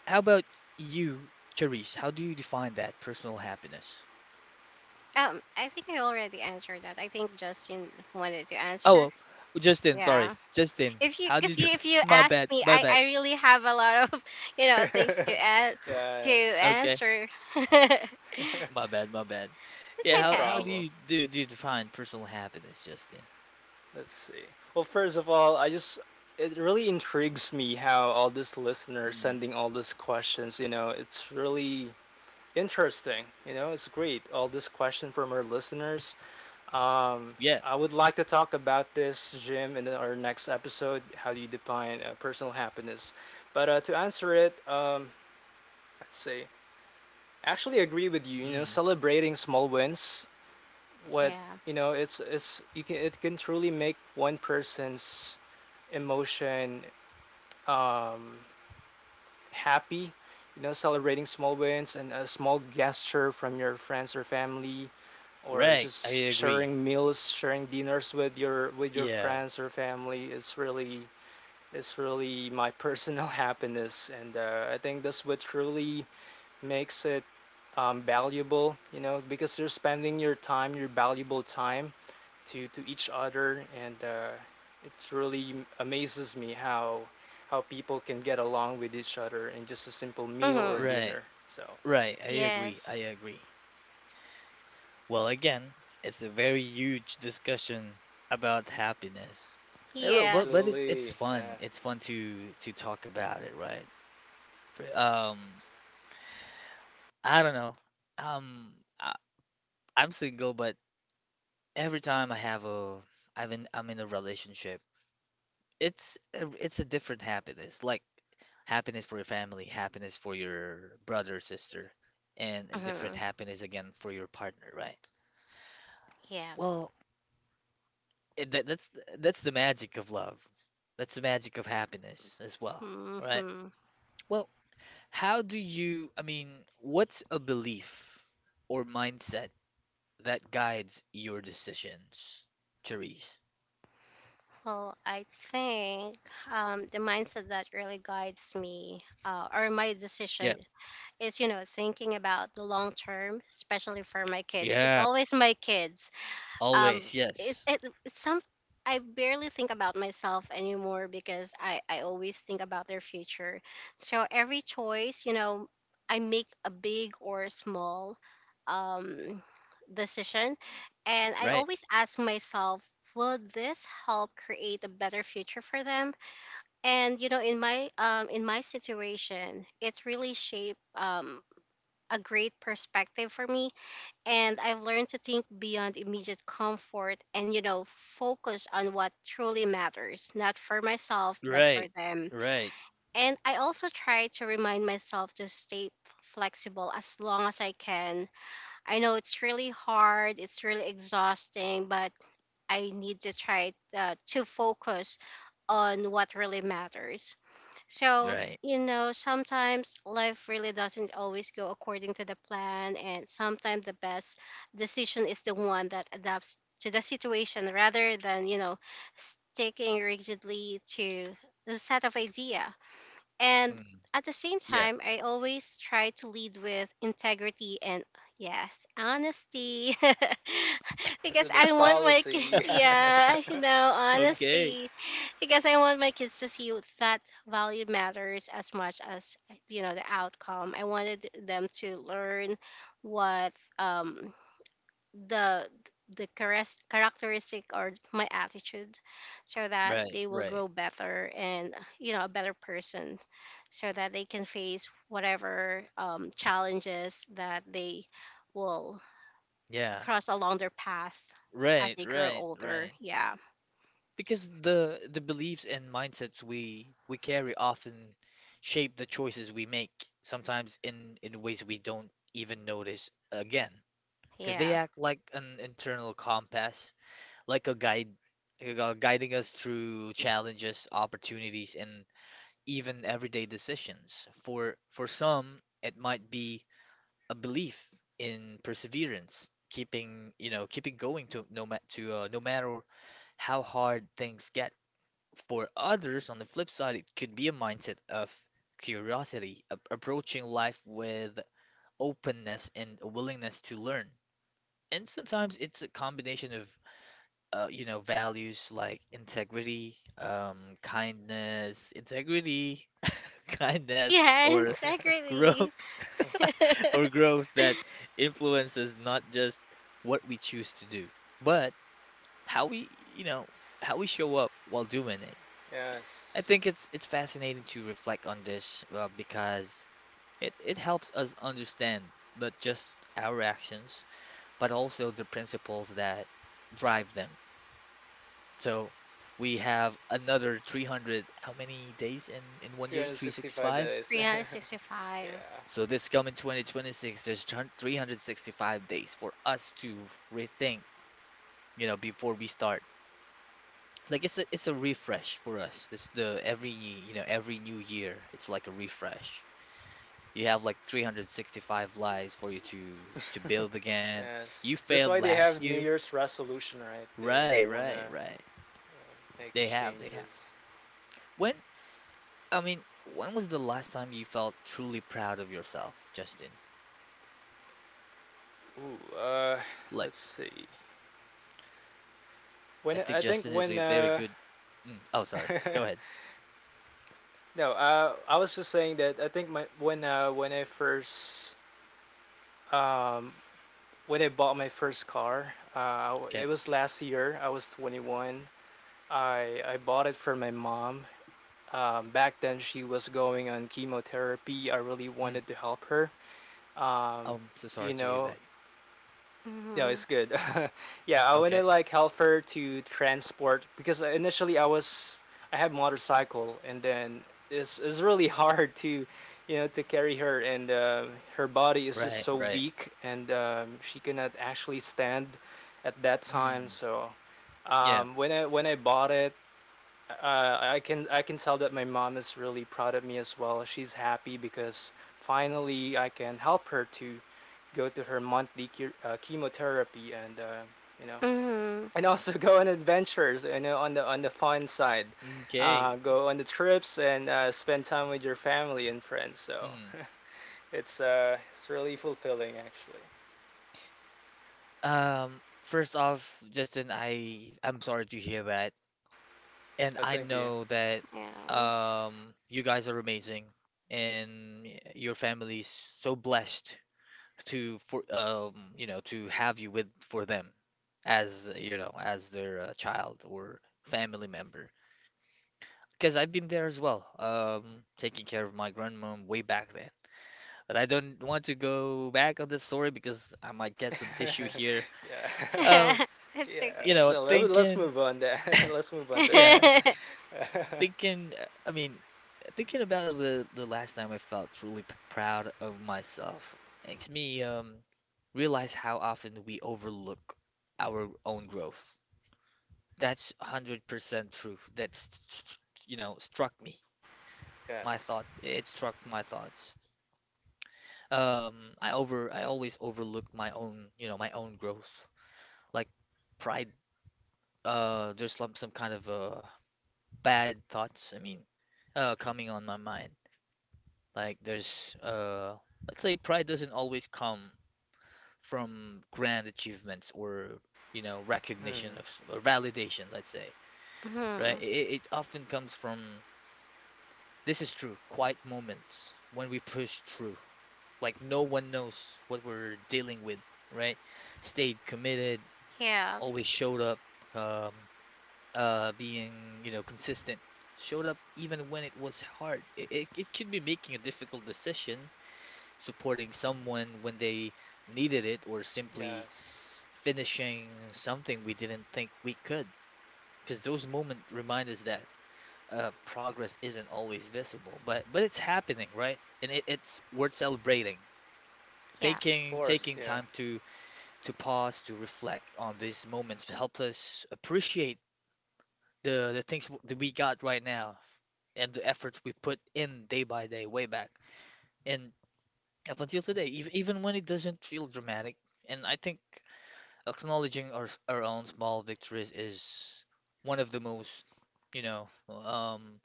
Speaker 1: how about you, Charisse? How do you define that personal happiness?
Speaker 2: I think I already answered that. I think Justin wanted to
Speaker 1: Oh,
Speaker 2: answer.
Speaker 1: well, Justin, sorry.
Speaker 2: Yeah.
Speaker 1: Justin,
Speaker 2: If you,
Speaker 1: how
Speaker 2: cause
Speaker 1: did you
Speaker 2: you, if you
Speaker 1: my
Speaker 2: ask
Speaker 1: bad,
Speaker 2: me,
Speaker 1: my bad.
Speaker 2: I really have a lot of, you know, things to add, to
Speaker 1: Okay.
Speaker 3: Yes,
Speaker 2: answer. It's
Speaker 1: My bad, my bad. Yeah,
Speaker 3: no
Speaker 1: how
Speaker 2: okay.
Speaker 1: do
Speaker 3: problem.
Speaker 1: you do do you define personal happiness, Justin?
Speaker 3: Let's see. Well, first of all, I just it really intrigues me how all these listeners
Speaker 1: Mm.
Speaker 3: sending all these questions. You know, it's really interesting. You know, it's great. All this question from our listeners. Um,
Speaker 1: Yeah.
Speaker 3: I would like to talk about this, Jim, in our next episode. How do you define personal happiness? But let's see. I actually agree with you, you know,
Speaker 1: Mm.
Speaker 3: celebrating small wins. What
Speaker 2: Yeah.
Speaker 3: you know, it's you can, it can truly make one person's emotion happy, you know, celebrating small wins, and a small gesture from your friends or family, or
Speaker 1: Right. I
Speaker 3: just
Speaker 1: agree.
Speaker 3: sharing meals, sharing dinners with your
Speaker 1: Yeah.
Speaker 3: friends or family is really my personal happiness, and I think that's what truly makes it valuable. You know, because you're spending your time, your valuable time, to each other. And it really amazes me how people can get along with each other in just a simple meal or
Speaker 2: Mm-hmm.
Speaker 1: Right.
Speaker 3: dinner, so
Speaker 1: Right. I agree.
Speaker 2: Yes.
Speaker 1: I agree. Well, again, it's a very huge discussion about happiness. Yeah, but but it,
Speaker 2: Yes.
Speaker 1: it's
Speaker 3: absolutely,
Speaker 1: fun.
Speaker 3: yeah.
Speaker 1: It's fun to talk about it, right? Pr- Um, I don't know. Um, I, I'm single, but every time I have a, I've been, I'm in a relationship. It's a different happiness, like happiness for your family, happiness for your brother, sister, and a different
Speaker 2: Mm-hmm.
Speaker 1: happiness again for your partner, right?
Speaker 2: Yeah.
Speaker 1: Well, it, that, that's that's the magic of love. That's the magic of happiness as well, right?
Speaker 2: Mm-hmm.
Speaker 1: Well, how do you, I mean, what's a belief or mindset that guides your decisions, Therese?
Speaker 2: Well, I think the mindset that really guides me or my decision
Speaker 1: Yeah.
Speaker 2: is, you know, thinking about the long term, especially for my kids. It's
Speaker 1: Yeah.
Speaker 2: always my kids. um
Speaker 1: Always,
Speaker 2: it's
Speaker 1: yes.
Speaker 2: it, it's some, I barely think about myself anymore because I always think about their future. So every choice, you know, I make, a big or small um decision, and I
Speaker 1: Right,
Speaker 2: always ask myself, will this help create a better future for them? And, you know, in my situation, it really shaped a great perspective for me. And I've learned to think beyond immediate comfort and, you know, focus on what truly matters, not for myself, but for
Speaker 1: right,
Speaker 2: them.
Speaker 1: right,
Speaker 2: And I also try to remind myself to stay flexible as long as I can. I know it's really hard, it's really exhausting, but I need to try to focus on what really matters. So,
Speaker 1: right.
Speaker 2: you know, sometimes life really doesn't always go according to the plan, and sometimes the best decision is the one that adapts to the situation rather than, you know, sticking rigidly to the set of idea. And
Speaker 1: Mm,
Speaker 2: at the same
Speaker 1: yeah,
Speaker 2: time, I always try to lead with integrity and, yes, honesty.
Speaker 3: It's
Speaker 2: Because
Speaker 3: the
Speaker 2: I
Speaker 3: best
Speaker 2: want my ki-
Speaker 3: policy.
Speaker 2: yeah, you know,
Speaker 1: okay.
Speaker 2: honesty. Because I want my kids to see that value matters as much as, you know, the outcome. I wanted them to learn what the characteristic or my attitude, so that
Speaker 1: Right,
Speaker 2: they will
Speaker 1: right.
Speaker 2: grow better and, you know, a better person, so that they can face whatever challenges that they will
Speaker 1: Yeah,
Speaker 2: cross along their path as
Speaker 1: right,
Speaker 2: they grow
Speaker 1: right,
Speaker 2: older.
Speaker 1: right.
Speaker 2: Yeah.
Speaker 1: Because the beliefs and mindsets we carry often shape the choices we make, sometimes in ways we don't even notice again, because they
Speaker 2: Yeah.
Speaker 1: act like an internal compass, like a guide, like, guiding us through challenges, opportunities, and even everyday decisions. For some, it might be a belief in perseverance, keeping you know keeping going to no matter how hard things get. For others, on the flip side, it could be a mindset of curiosity, approaching life with openness and a willingness to learn. And sometimes it's a combination of you know, values like integrity, kindness,
Speaker 2: Yeah.
Speaker 1: or growth,
Speaker 2: Exactly.
Speaker 1: or growth that influences not just what we choose to do, but how we, you know, how we show up while doing it. I think
Speaker 3: Yes.
Speaker 1: it's fascinating to reflect on this, because it helps us understand not just our actions, but also the principles that drive them. So we have another 300, how many days in one year?
Speaker 3: 365
Speaker 1: 365.
Speaker 3: days. Yeah.
Speaker 2: 365.
Speaker 1: So this coming 2026, there's 365 days for us to rethink, you know, before we start. Like it's a refresh for us. This the every, you know, every new year, it's like a refresh. You have like 365 lives for you to build again.
Speaker 3: Yes,
Speaker 1: You
Speaker 3: that's why
Speaker 1: failed
Speaker 3: they
Speaker 1: last
Speaker 3: have new
Speaker 1: year.
Speaker 3: year's resolution, right? they
Speaker 1: Right,
Speaker 3: they want to
Speaker 1: right, right.
Speaker 3: make
Speaker 1: They have, they have.
Speaker 3: changes.
Speaker 1: When I mean, when was the last time you felt truly proud of yourself, Justin?
Speaker 3: Ooh.
Speaker 1: Like,
Speaker 3: Let's see. When
Speaker 1: I think
Speaker 3: I think
Speaker 1: Justin is
Speaker 3: when
Speaker 1: a very good. Mm, oh, sorry. Go ahead.
Speaker 3: No, I was just saying that I think my when I first um, when I bought my first car,
Speaker 1: Okay.
Speaker 3: it was last year. I was 21. I bought it for my mom. Back then, she was going on chemotherapy. I really
Speaker 1: Mm,
Speaker 3: wanted to help her. Um,
Speaker 1: I'm so
Speaker 3: you
Speaker 1: sorry to hear
Speaker 3: know.
Speaker 1: that.
Speaker 3: No, it's
Speaker 2: Mm-hmm.
Speaker 3: good. Yeah, I want to
Speaker 1: Okay.
Speaker 3: like help her to transport, because initially I was, I had motorcycle, and then it's really hard to, you know, to carry her. And her body is just
Speaker 1: Right,
Speaker 3: so
Speaker 1: right.
Speaker 3: weak, and she cannot actually stand at that time.
Speaker 1: Mm,
Speaker 3: So
Speaker 1: yeah.
Speaker 3: when I bought it, I can, I can tell that my mom is really proud of me as well. She's happy because finally I can help her to go to her monthly chemotherapy, and you know,
Speaker 2: Mm-hmm.
Speaker 3: and also go on adventures, you know, on the fun side,
Speaker 1: Okay.
Speaker 3: go on the trips and spend time with your family and friends. So
Speaker 1: Mm.
Speaker 3: it's really fulfilling actually.
Speaker 1: First off, Justin, I'm sorry to hear that. And
Speaker 3: Oh,
Speaker 1: I
Speaker 3: thank you.
Speaker 1: know that
Speaker 2: Yeah.
Speaker 1: you guys are amazing and your family's so blessed to for you know to have you with for them, as you know as their child or family member because I've been there as well taking care of my grandmom way back then, but I don't want to go back on this story because I might get some tissue here
Speaker 3: Yeah.
Speaker 1: um
Speaker 2: It's
Speaker 3: Yeah,
Speaker 1: you know
Speaker 2: okay.
Speaker 3: no, let's
Speaker 1: thinking
Speaker 3: move on that. Let's move on to that.
Speaker 1: yeah thinking I mean thinking about the last time I felt proud of myself makes me realize how often we overlook our own growth. That's 100% true. That's, you know, struck me. My
Speaker 3: Yes.
Speaker 1: thought, it struck my thoughts. Um, I always overlook my own, you know, my own growth. Like pride, there's some kind of bad thoughts, I mean, coming on my mind. Like there's, let's say pride doesn't always come from grand achievements or, you know, recognition
Speaker 3: Mm,
Speaker 1: of or validation, let's say, right?
Speaker 2: Hmm.
Speaker 1: It often comes from this is true. Quiet moments when we push through. Like no one knows what we're dealing with, right? Stayed committed,
Speaker 2: Yeah,
Speaker 1: always showed up, um, being, you know, consistent. Showed up even when it was hard. It could be making a difficult decision, supporting someone when they needed it, or simply
Speaker 3: yes.
Speaker 1: finishing something we didn't think we could. Because those moments remind us that progress isn't always visible, but it's happening, right? And it's worth celebrating.
Speaker 2: yeah.
Speaker 3: Of
Speaker 1: Taking
Speaker 3: course,
Speaker 1: taking
Speaker 3: yeah.
Speaker 1: time to pause, to reflect on these moments to help us appreciate that we got right now, and the efforts we put in day by day, way back, and up until today, even when it doesn't feel dramatic. And I think acknowledging our own small victories is one of the most, you know,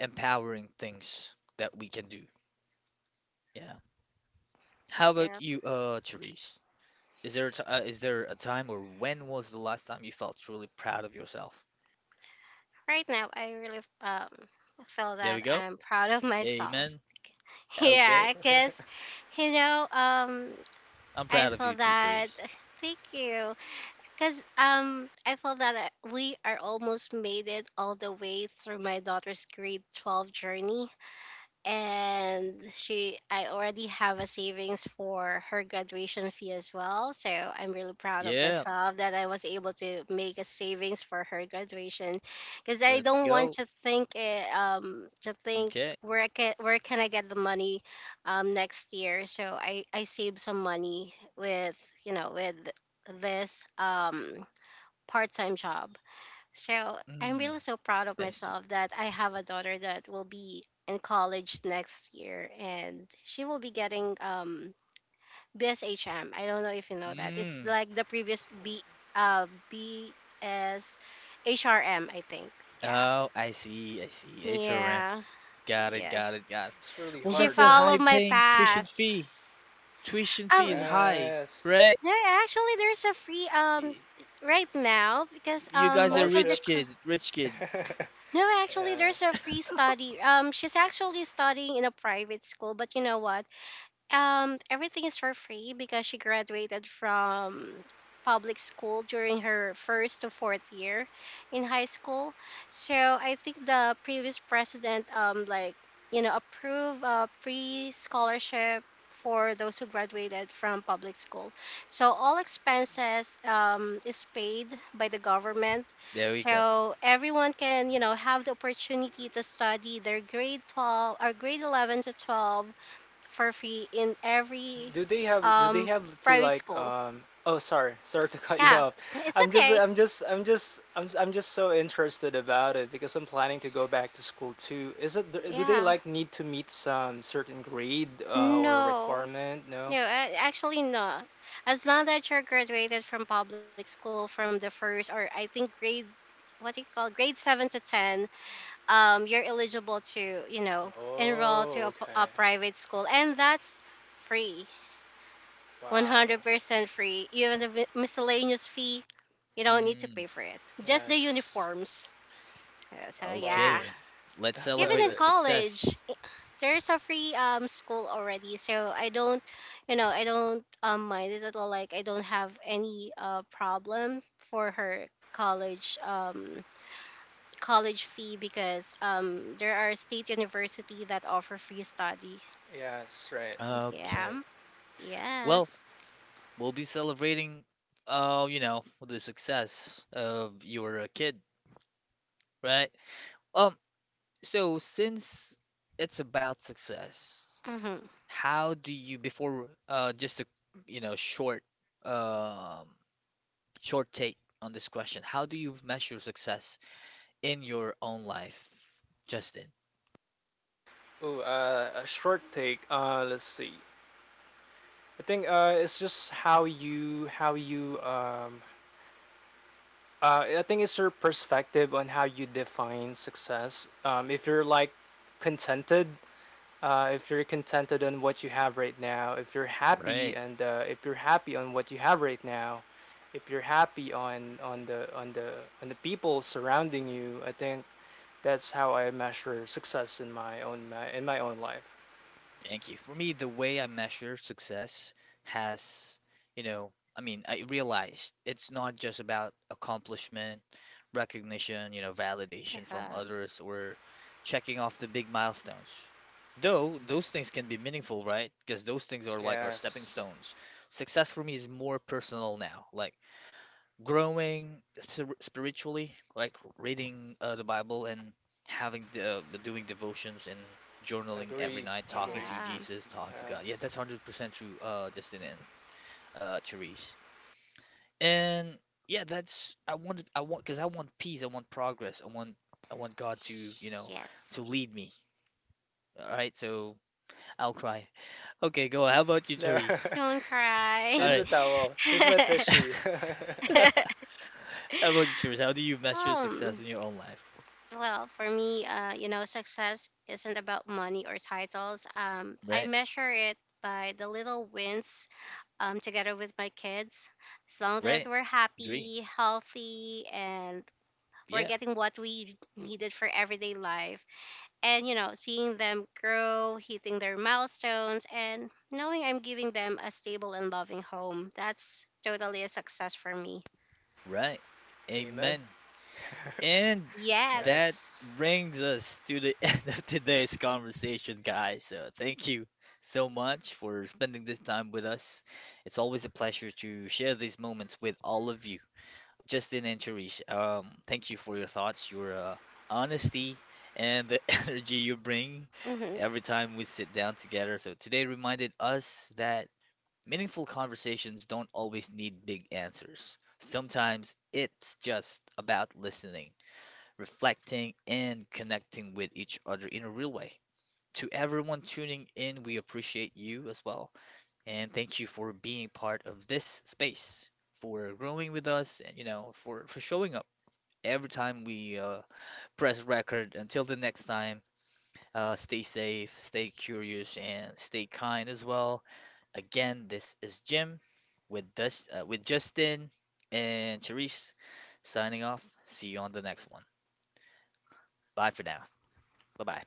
Speaker 1: empowering things that we can do. Yeah. How about
Speaker 2: Yeah,
Speaker 1: you, Therese? Is there a t is there a time or when was the last time you felt truly proud of yourself?
Speaker 2: right now I really feel
Speaker 1: There we
Speaker 2: that
Speaker 1: go.
Speaker 2: I'm proud of myself.
Speaker 1: Amen. Okay.
Speaker 2: Yeah, because, you know,
Speaker 1: I'm
Speaker 2: I
Speaker 1: proud of you
Speaker 2: feel
Speaker 1: too,
Speaker 2: that,
Speaker 1: Therese.
Speaker 2: thank you, because I feel that I- we are almost made it all the way through my daughter's grade 12 journey. And she, I already have a savings for her graduation fee as well. So I'm really proud of
Speaker 1: Yeah,
Speaker 2: myself that I was able to make a savings for her graduation, because I
Speaker 1: let's
Speaker 2: don't want
Speaker 1: go.
Speaker 2: to think, to think
Speaker 1: Okay.
Speaker 2: where I can, where can I get the money next year. So I saved some money with, you know, with this part-time job, so I'm
Speaker 1: Mm,
Speaker 2: really so proud of
Speaker 1: I see.
Speaker 2: myself that I have a daughter that will be in college next year, and she will be getting BSHM. I don't know if you know that. It's
Speaker 1: Mm.
Speaker 2: like the previous B uh BSHRM, I think. Yeah.
Speaker 1: Oh, I see. I see. HRM.
Speaker 2: Yeah.
Speaker 1: Got it, got
Speaker 2: Yes.
Speaker 1: it, got it.
Speaker 3: It's really
Speaker 1: Well,
Speaker 2: She
Speaker 1: that's
Speaker 3: hard,
Speaker 1: a high
Speaker 2: followed
Speaker 3: right?
Speaker 2: my
Speaker 1: paying tuition
Speaker 3: Stuff.
Speaker 2: path.
Speaker 1: fee. Tuition fee is
Speaker 2: Um
Speaker 1: high,
Speaker 3: Yes.
Speaker 1: right?
Speaker 2: no, actually, there's a free
Speaker 1: Y-
Speaker 2: right now because
Speaker 1: You guys are
Speaker 2: most of the
Speaker 3: Scholarship.
Speaker 1: rich
Speaker 2: co-
Speaker 1: kid, rich kid.
Speaker 2: no, actually, there's a
Speaker 3: Yes.
Speaker 2: free study. She's actually studying in a private school, but you know what? Everything is for free because she graduated from public school during her first to fourth year in high school. So I think the previous president, like, you know, approve a free scholarship for those who graduated from public school. So all expenses is paid by the government.
Speaker 1: There we go.
Speaker 2: So everyone can, you know, have the opportunity to study their grade 12, or grade 11 to 12, for free in every
Speaker 3: Do they have, do they
Speaker 2: um
Speaker 3: have to
Speaker 2: private
Speaker 3: like,
Speaker 2: school.
Speaker 3: um, oh, sorry, sorry to cut you
Speaker 2: Yeah,
Speaker 3: off.
Speaker 2: it's okay.
Speaker 3: I'm just so interested about it because I'm planning to go back to school too. Is it do they
Speaker 2: Yeah.
Speaker 3: like need to meet some certain grade, or
Speaker 2: No,
Speaker 3: requirement? No.
Speaker 2: no, a- actually not. As long that you're graduated from public school from the first, or I think grade, what do you call, grade 7 to 10, you're eligible to, you know, enroll
Speaker 3: Oh,
Speaker 2: to a, p- a
Speaker 3: okay.
Speaker 2: private school, and that's free, one
Speaker 3: Wow.
Speaker 2: hundred percent free. Even the mi- miscellaneous fee, you don't need to
Speaker 1: Mm,
Speaker 2: pay for it. Just the
Speaker 3: Yes.
Speaker 2: uniforms. Yes. So
Speaker 3: Love
Speaker 2: yeah,
Speaker 1: okay.
Speaker 3: it.
Speaker 1: Let's
Speaker 2: even
Speaker 3: Love
Speaker 2: in
Speaker 1: celebrate the
Speaker 3: it.
Speaker 2: college,
Speaker 1: success.
Speaker 2: i- there's a free school already, so I don't, you know, I don't mind it at all. Like I don't have any problem for her college college fee, because there are state university that offer free study.
Speaker 3: Yes. Right,
Speaker 1: Okay.
Speaker 3: right.
Speaker 2: Yeah.
Speaker 1: Well,
Speaker 2: Yes.
Speaker 1: we'll be celebrating, you know, the success of you were a kid, right? Um, so since it's about success,
Speaker 2: Mm-hmm.
Speaker 1: how do you, before, just a, you know, short um short take on this question. How do you measure success in your own life, Justin?
Speaker 3: Oh, a short take, let's see. I think it's just how you uh, I think it's your perspective on how you define success. If you're like contented, if you're contented on what you have right now, if you're happy,
Speaker 1: Right.
Speaker 3: and if you're happy on what you have right now, if you're happy on on the people surrounding you, I think that's how I measure success in my own in my own life.
Speaker 1: Thank you. For me, the way I measure success has, you know, I mean, I realized it's not just about accomplishment, recognition, you know, validation from
Speaker 2: Yeah.
Speaker 1: others or checking off the big milestones. Though those things can be meaningful, right? Because those things are like our stepping
Speaker 3: Yes,
Speaker 1: stones. Success for me is more personal now. Like growing spiritually, like reading the Bible and having the doing devotions and journaling every
Speaker 3: agree,
Speaker 1: night, talking
Speaker 3: agree.
Speaker 1: to
Speaker 2: Yeah.
Speaker 1: Jesus, talking to God. Yeah,
Speaker 3: Yes.
Speaker 1: that's 100% true, Justin and Therese. And yeah, that's I want because I want peace, I want progress, I want God to, you know,
Speaker 2: Yes.
Speaker 1: to lead me. All right, so I'll cry. Okay, go on. How about you,
Speaker 3: No,
Speaker 1: Therese?
Speaker 2: Don't
Speaker 3: here's
Speaker 2: cry.
Speaker 1: All
Speaker 3: the towel. Here's my tissue.
Speaker 1: right. How about you, Therese? How do you measure
Speaker 2: um
Speaker 1: success in your own life?
Speaker 2: Well, for me, you know, success isn't about money or titles. I
Speaker 1: Right,
Speaker 2: measure it by the little wins together with my kids. As long that
Speaker 1: right,
Speaker 2: we're
Speaker 1: dream.
Speaker 2: happy, healthy, and we're
Speaker 1: Yeah.
Speaker 2: getting what we needed for everyday life. And, you know, seeing them grow, hitting their milestones, and knowing I'm giving them a stable and loving home. That's totally a success for me.
Speaker 1: Right.
Speaker 3: Amen.
Speaker 1: Amen. And that
Speaker 2: Yes.
Speaker 3: Yes.
Speaker 1: brings us to the end of today's conversation, guys. So thank you so much for spending this time with us. It's always a pleasure to share these moments with all of you. Justin and Cherish, thank you for your thoughts, your honesty, and the energy you bring
Speaker 2: Mhm.
Speaker 1: every time we sit down together. So today reminded us that meaningful conversations don't always need big answers. Sometimes it's just about listening, reflecting, and connecting with each other in a real way. To everyone tuning in, we appreciate you as well. And thank you for being part of this space, for growing with us, and you know, for showing up every time we press record. Until the next time, stay safe, stay curious, and stay kind as well. Again, this is Jim with Dust with Justin and Charisse signing off. See you on the next one. Bye for now. Bye bye.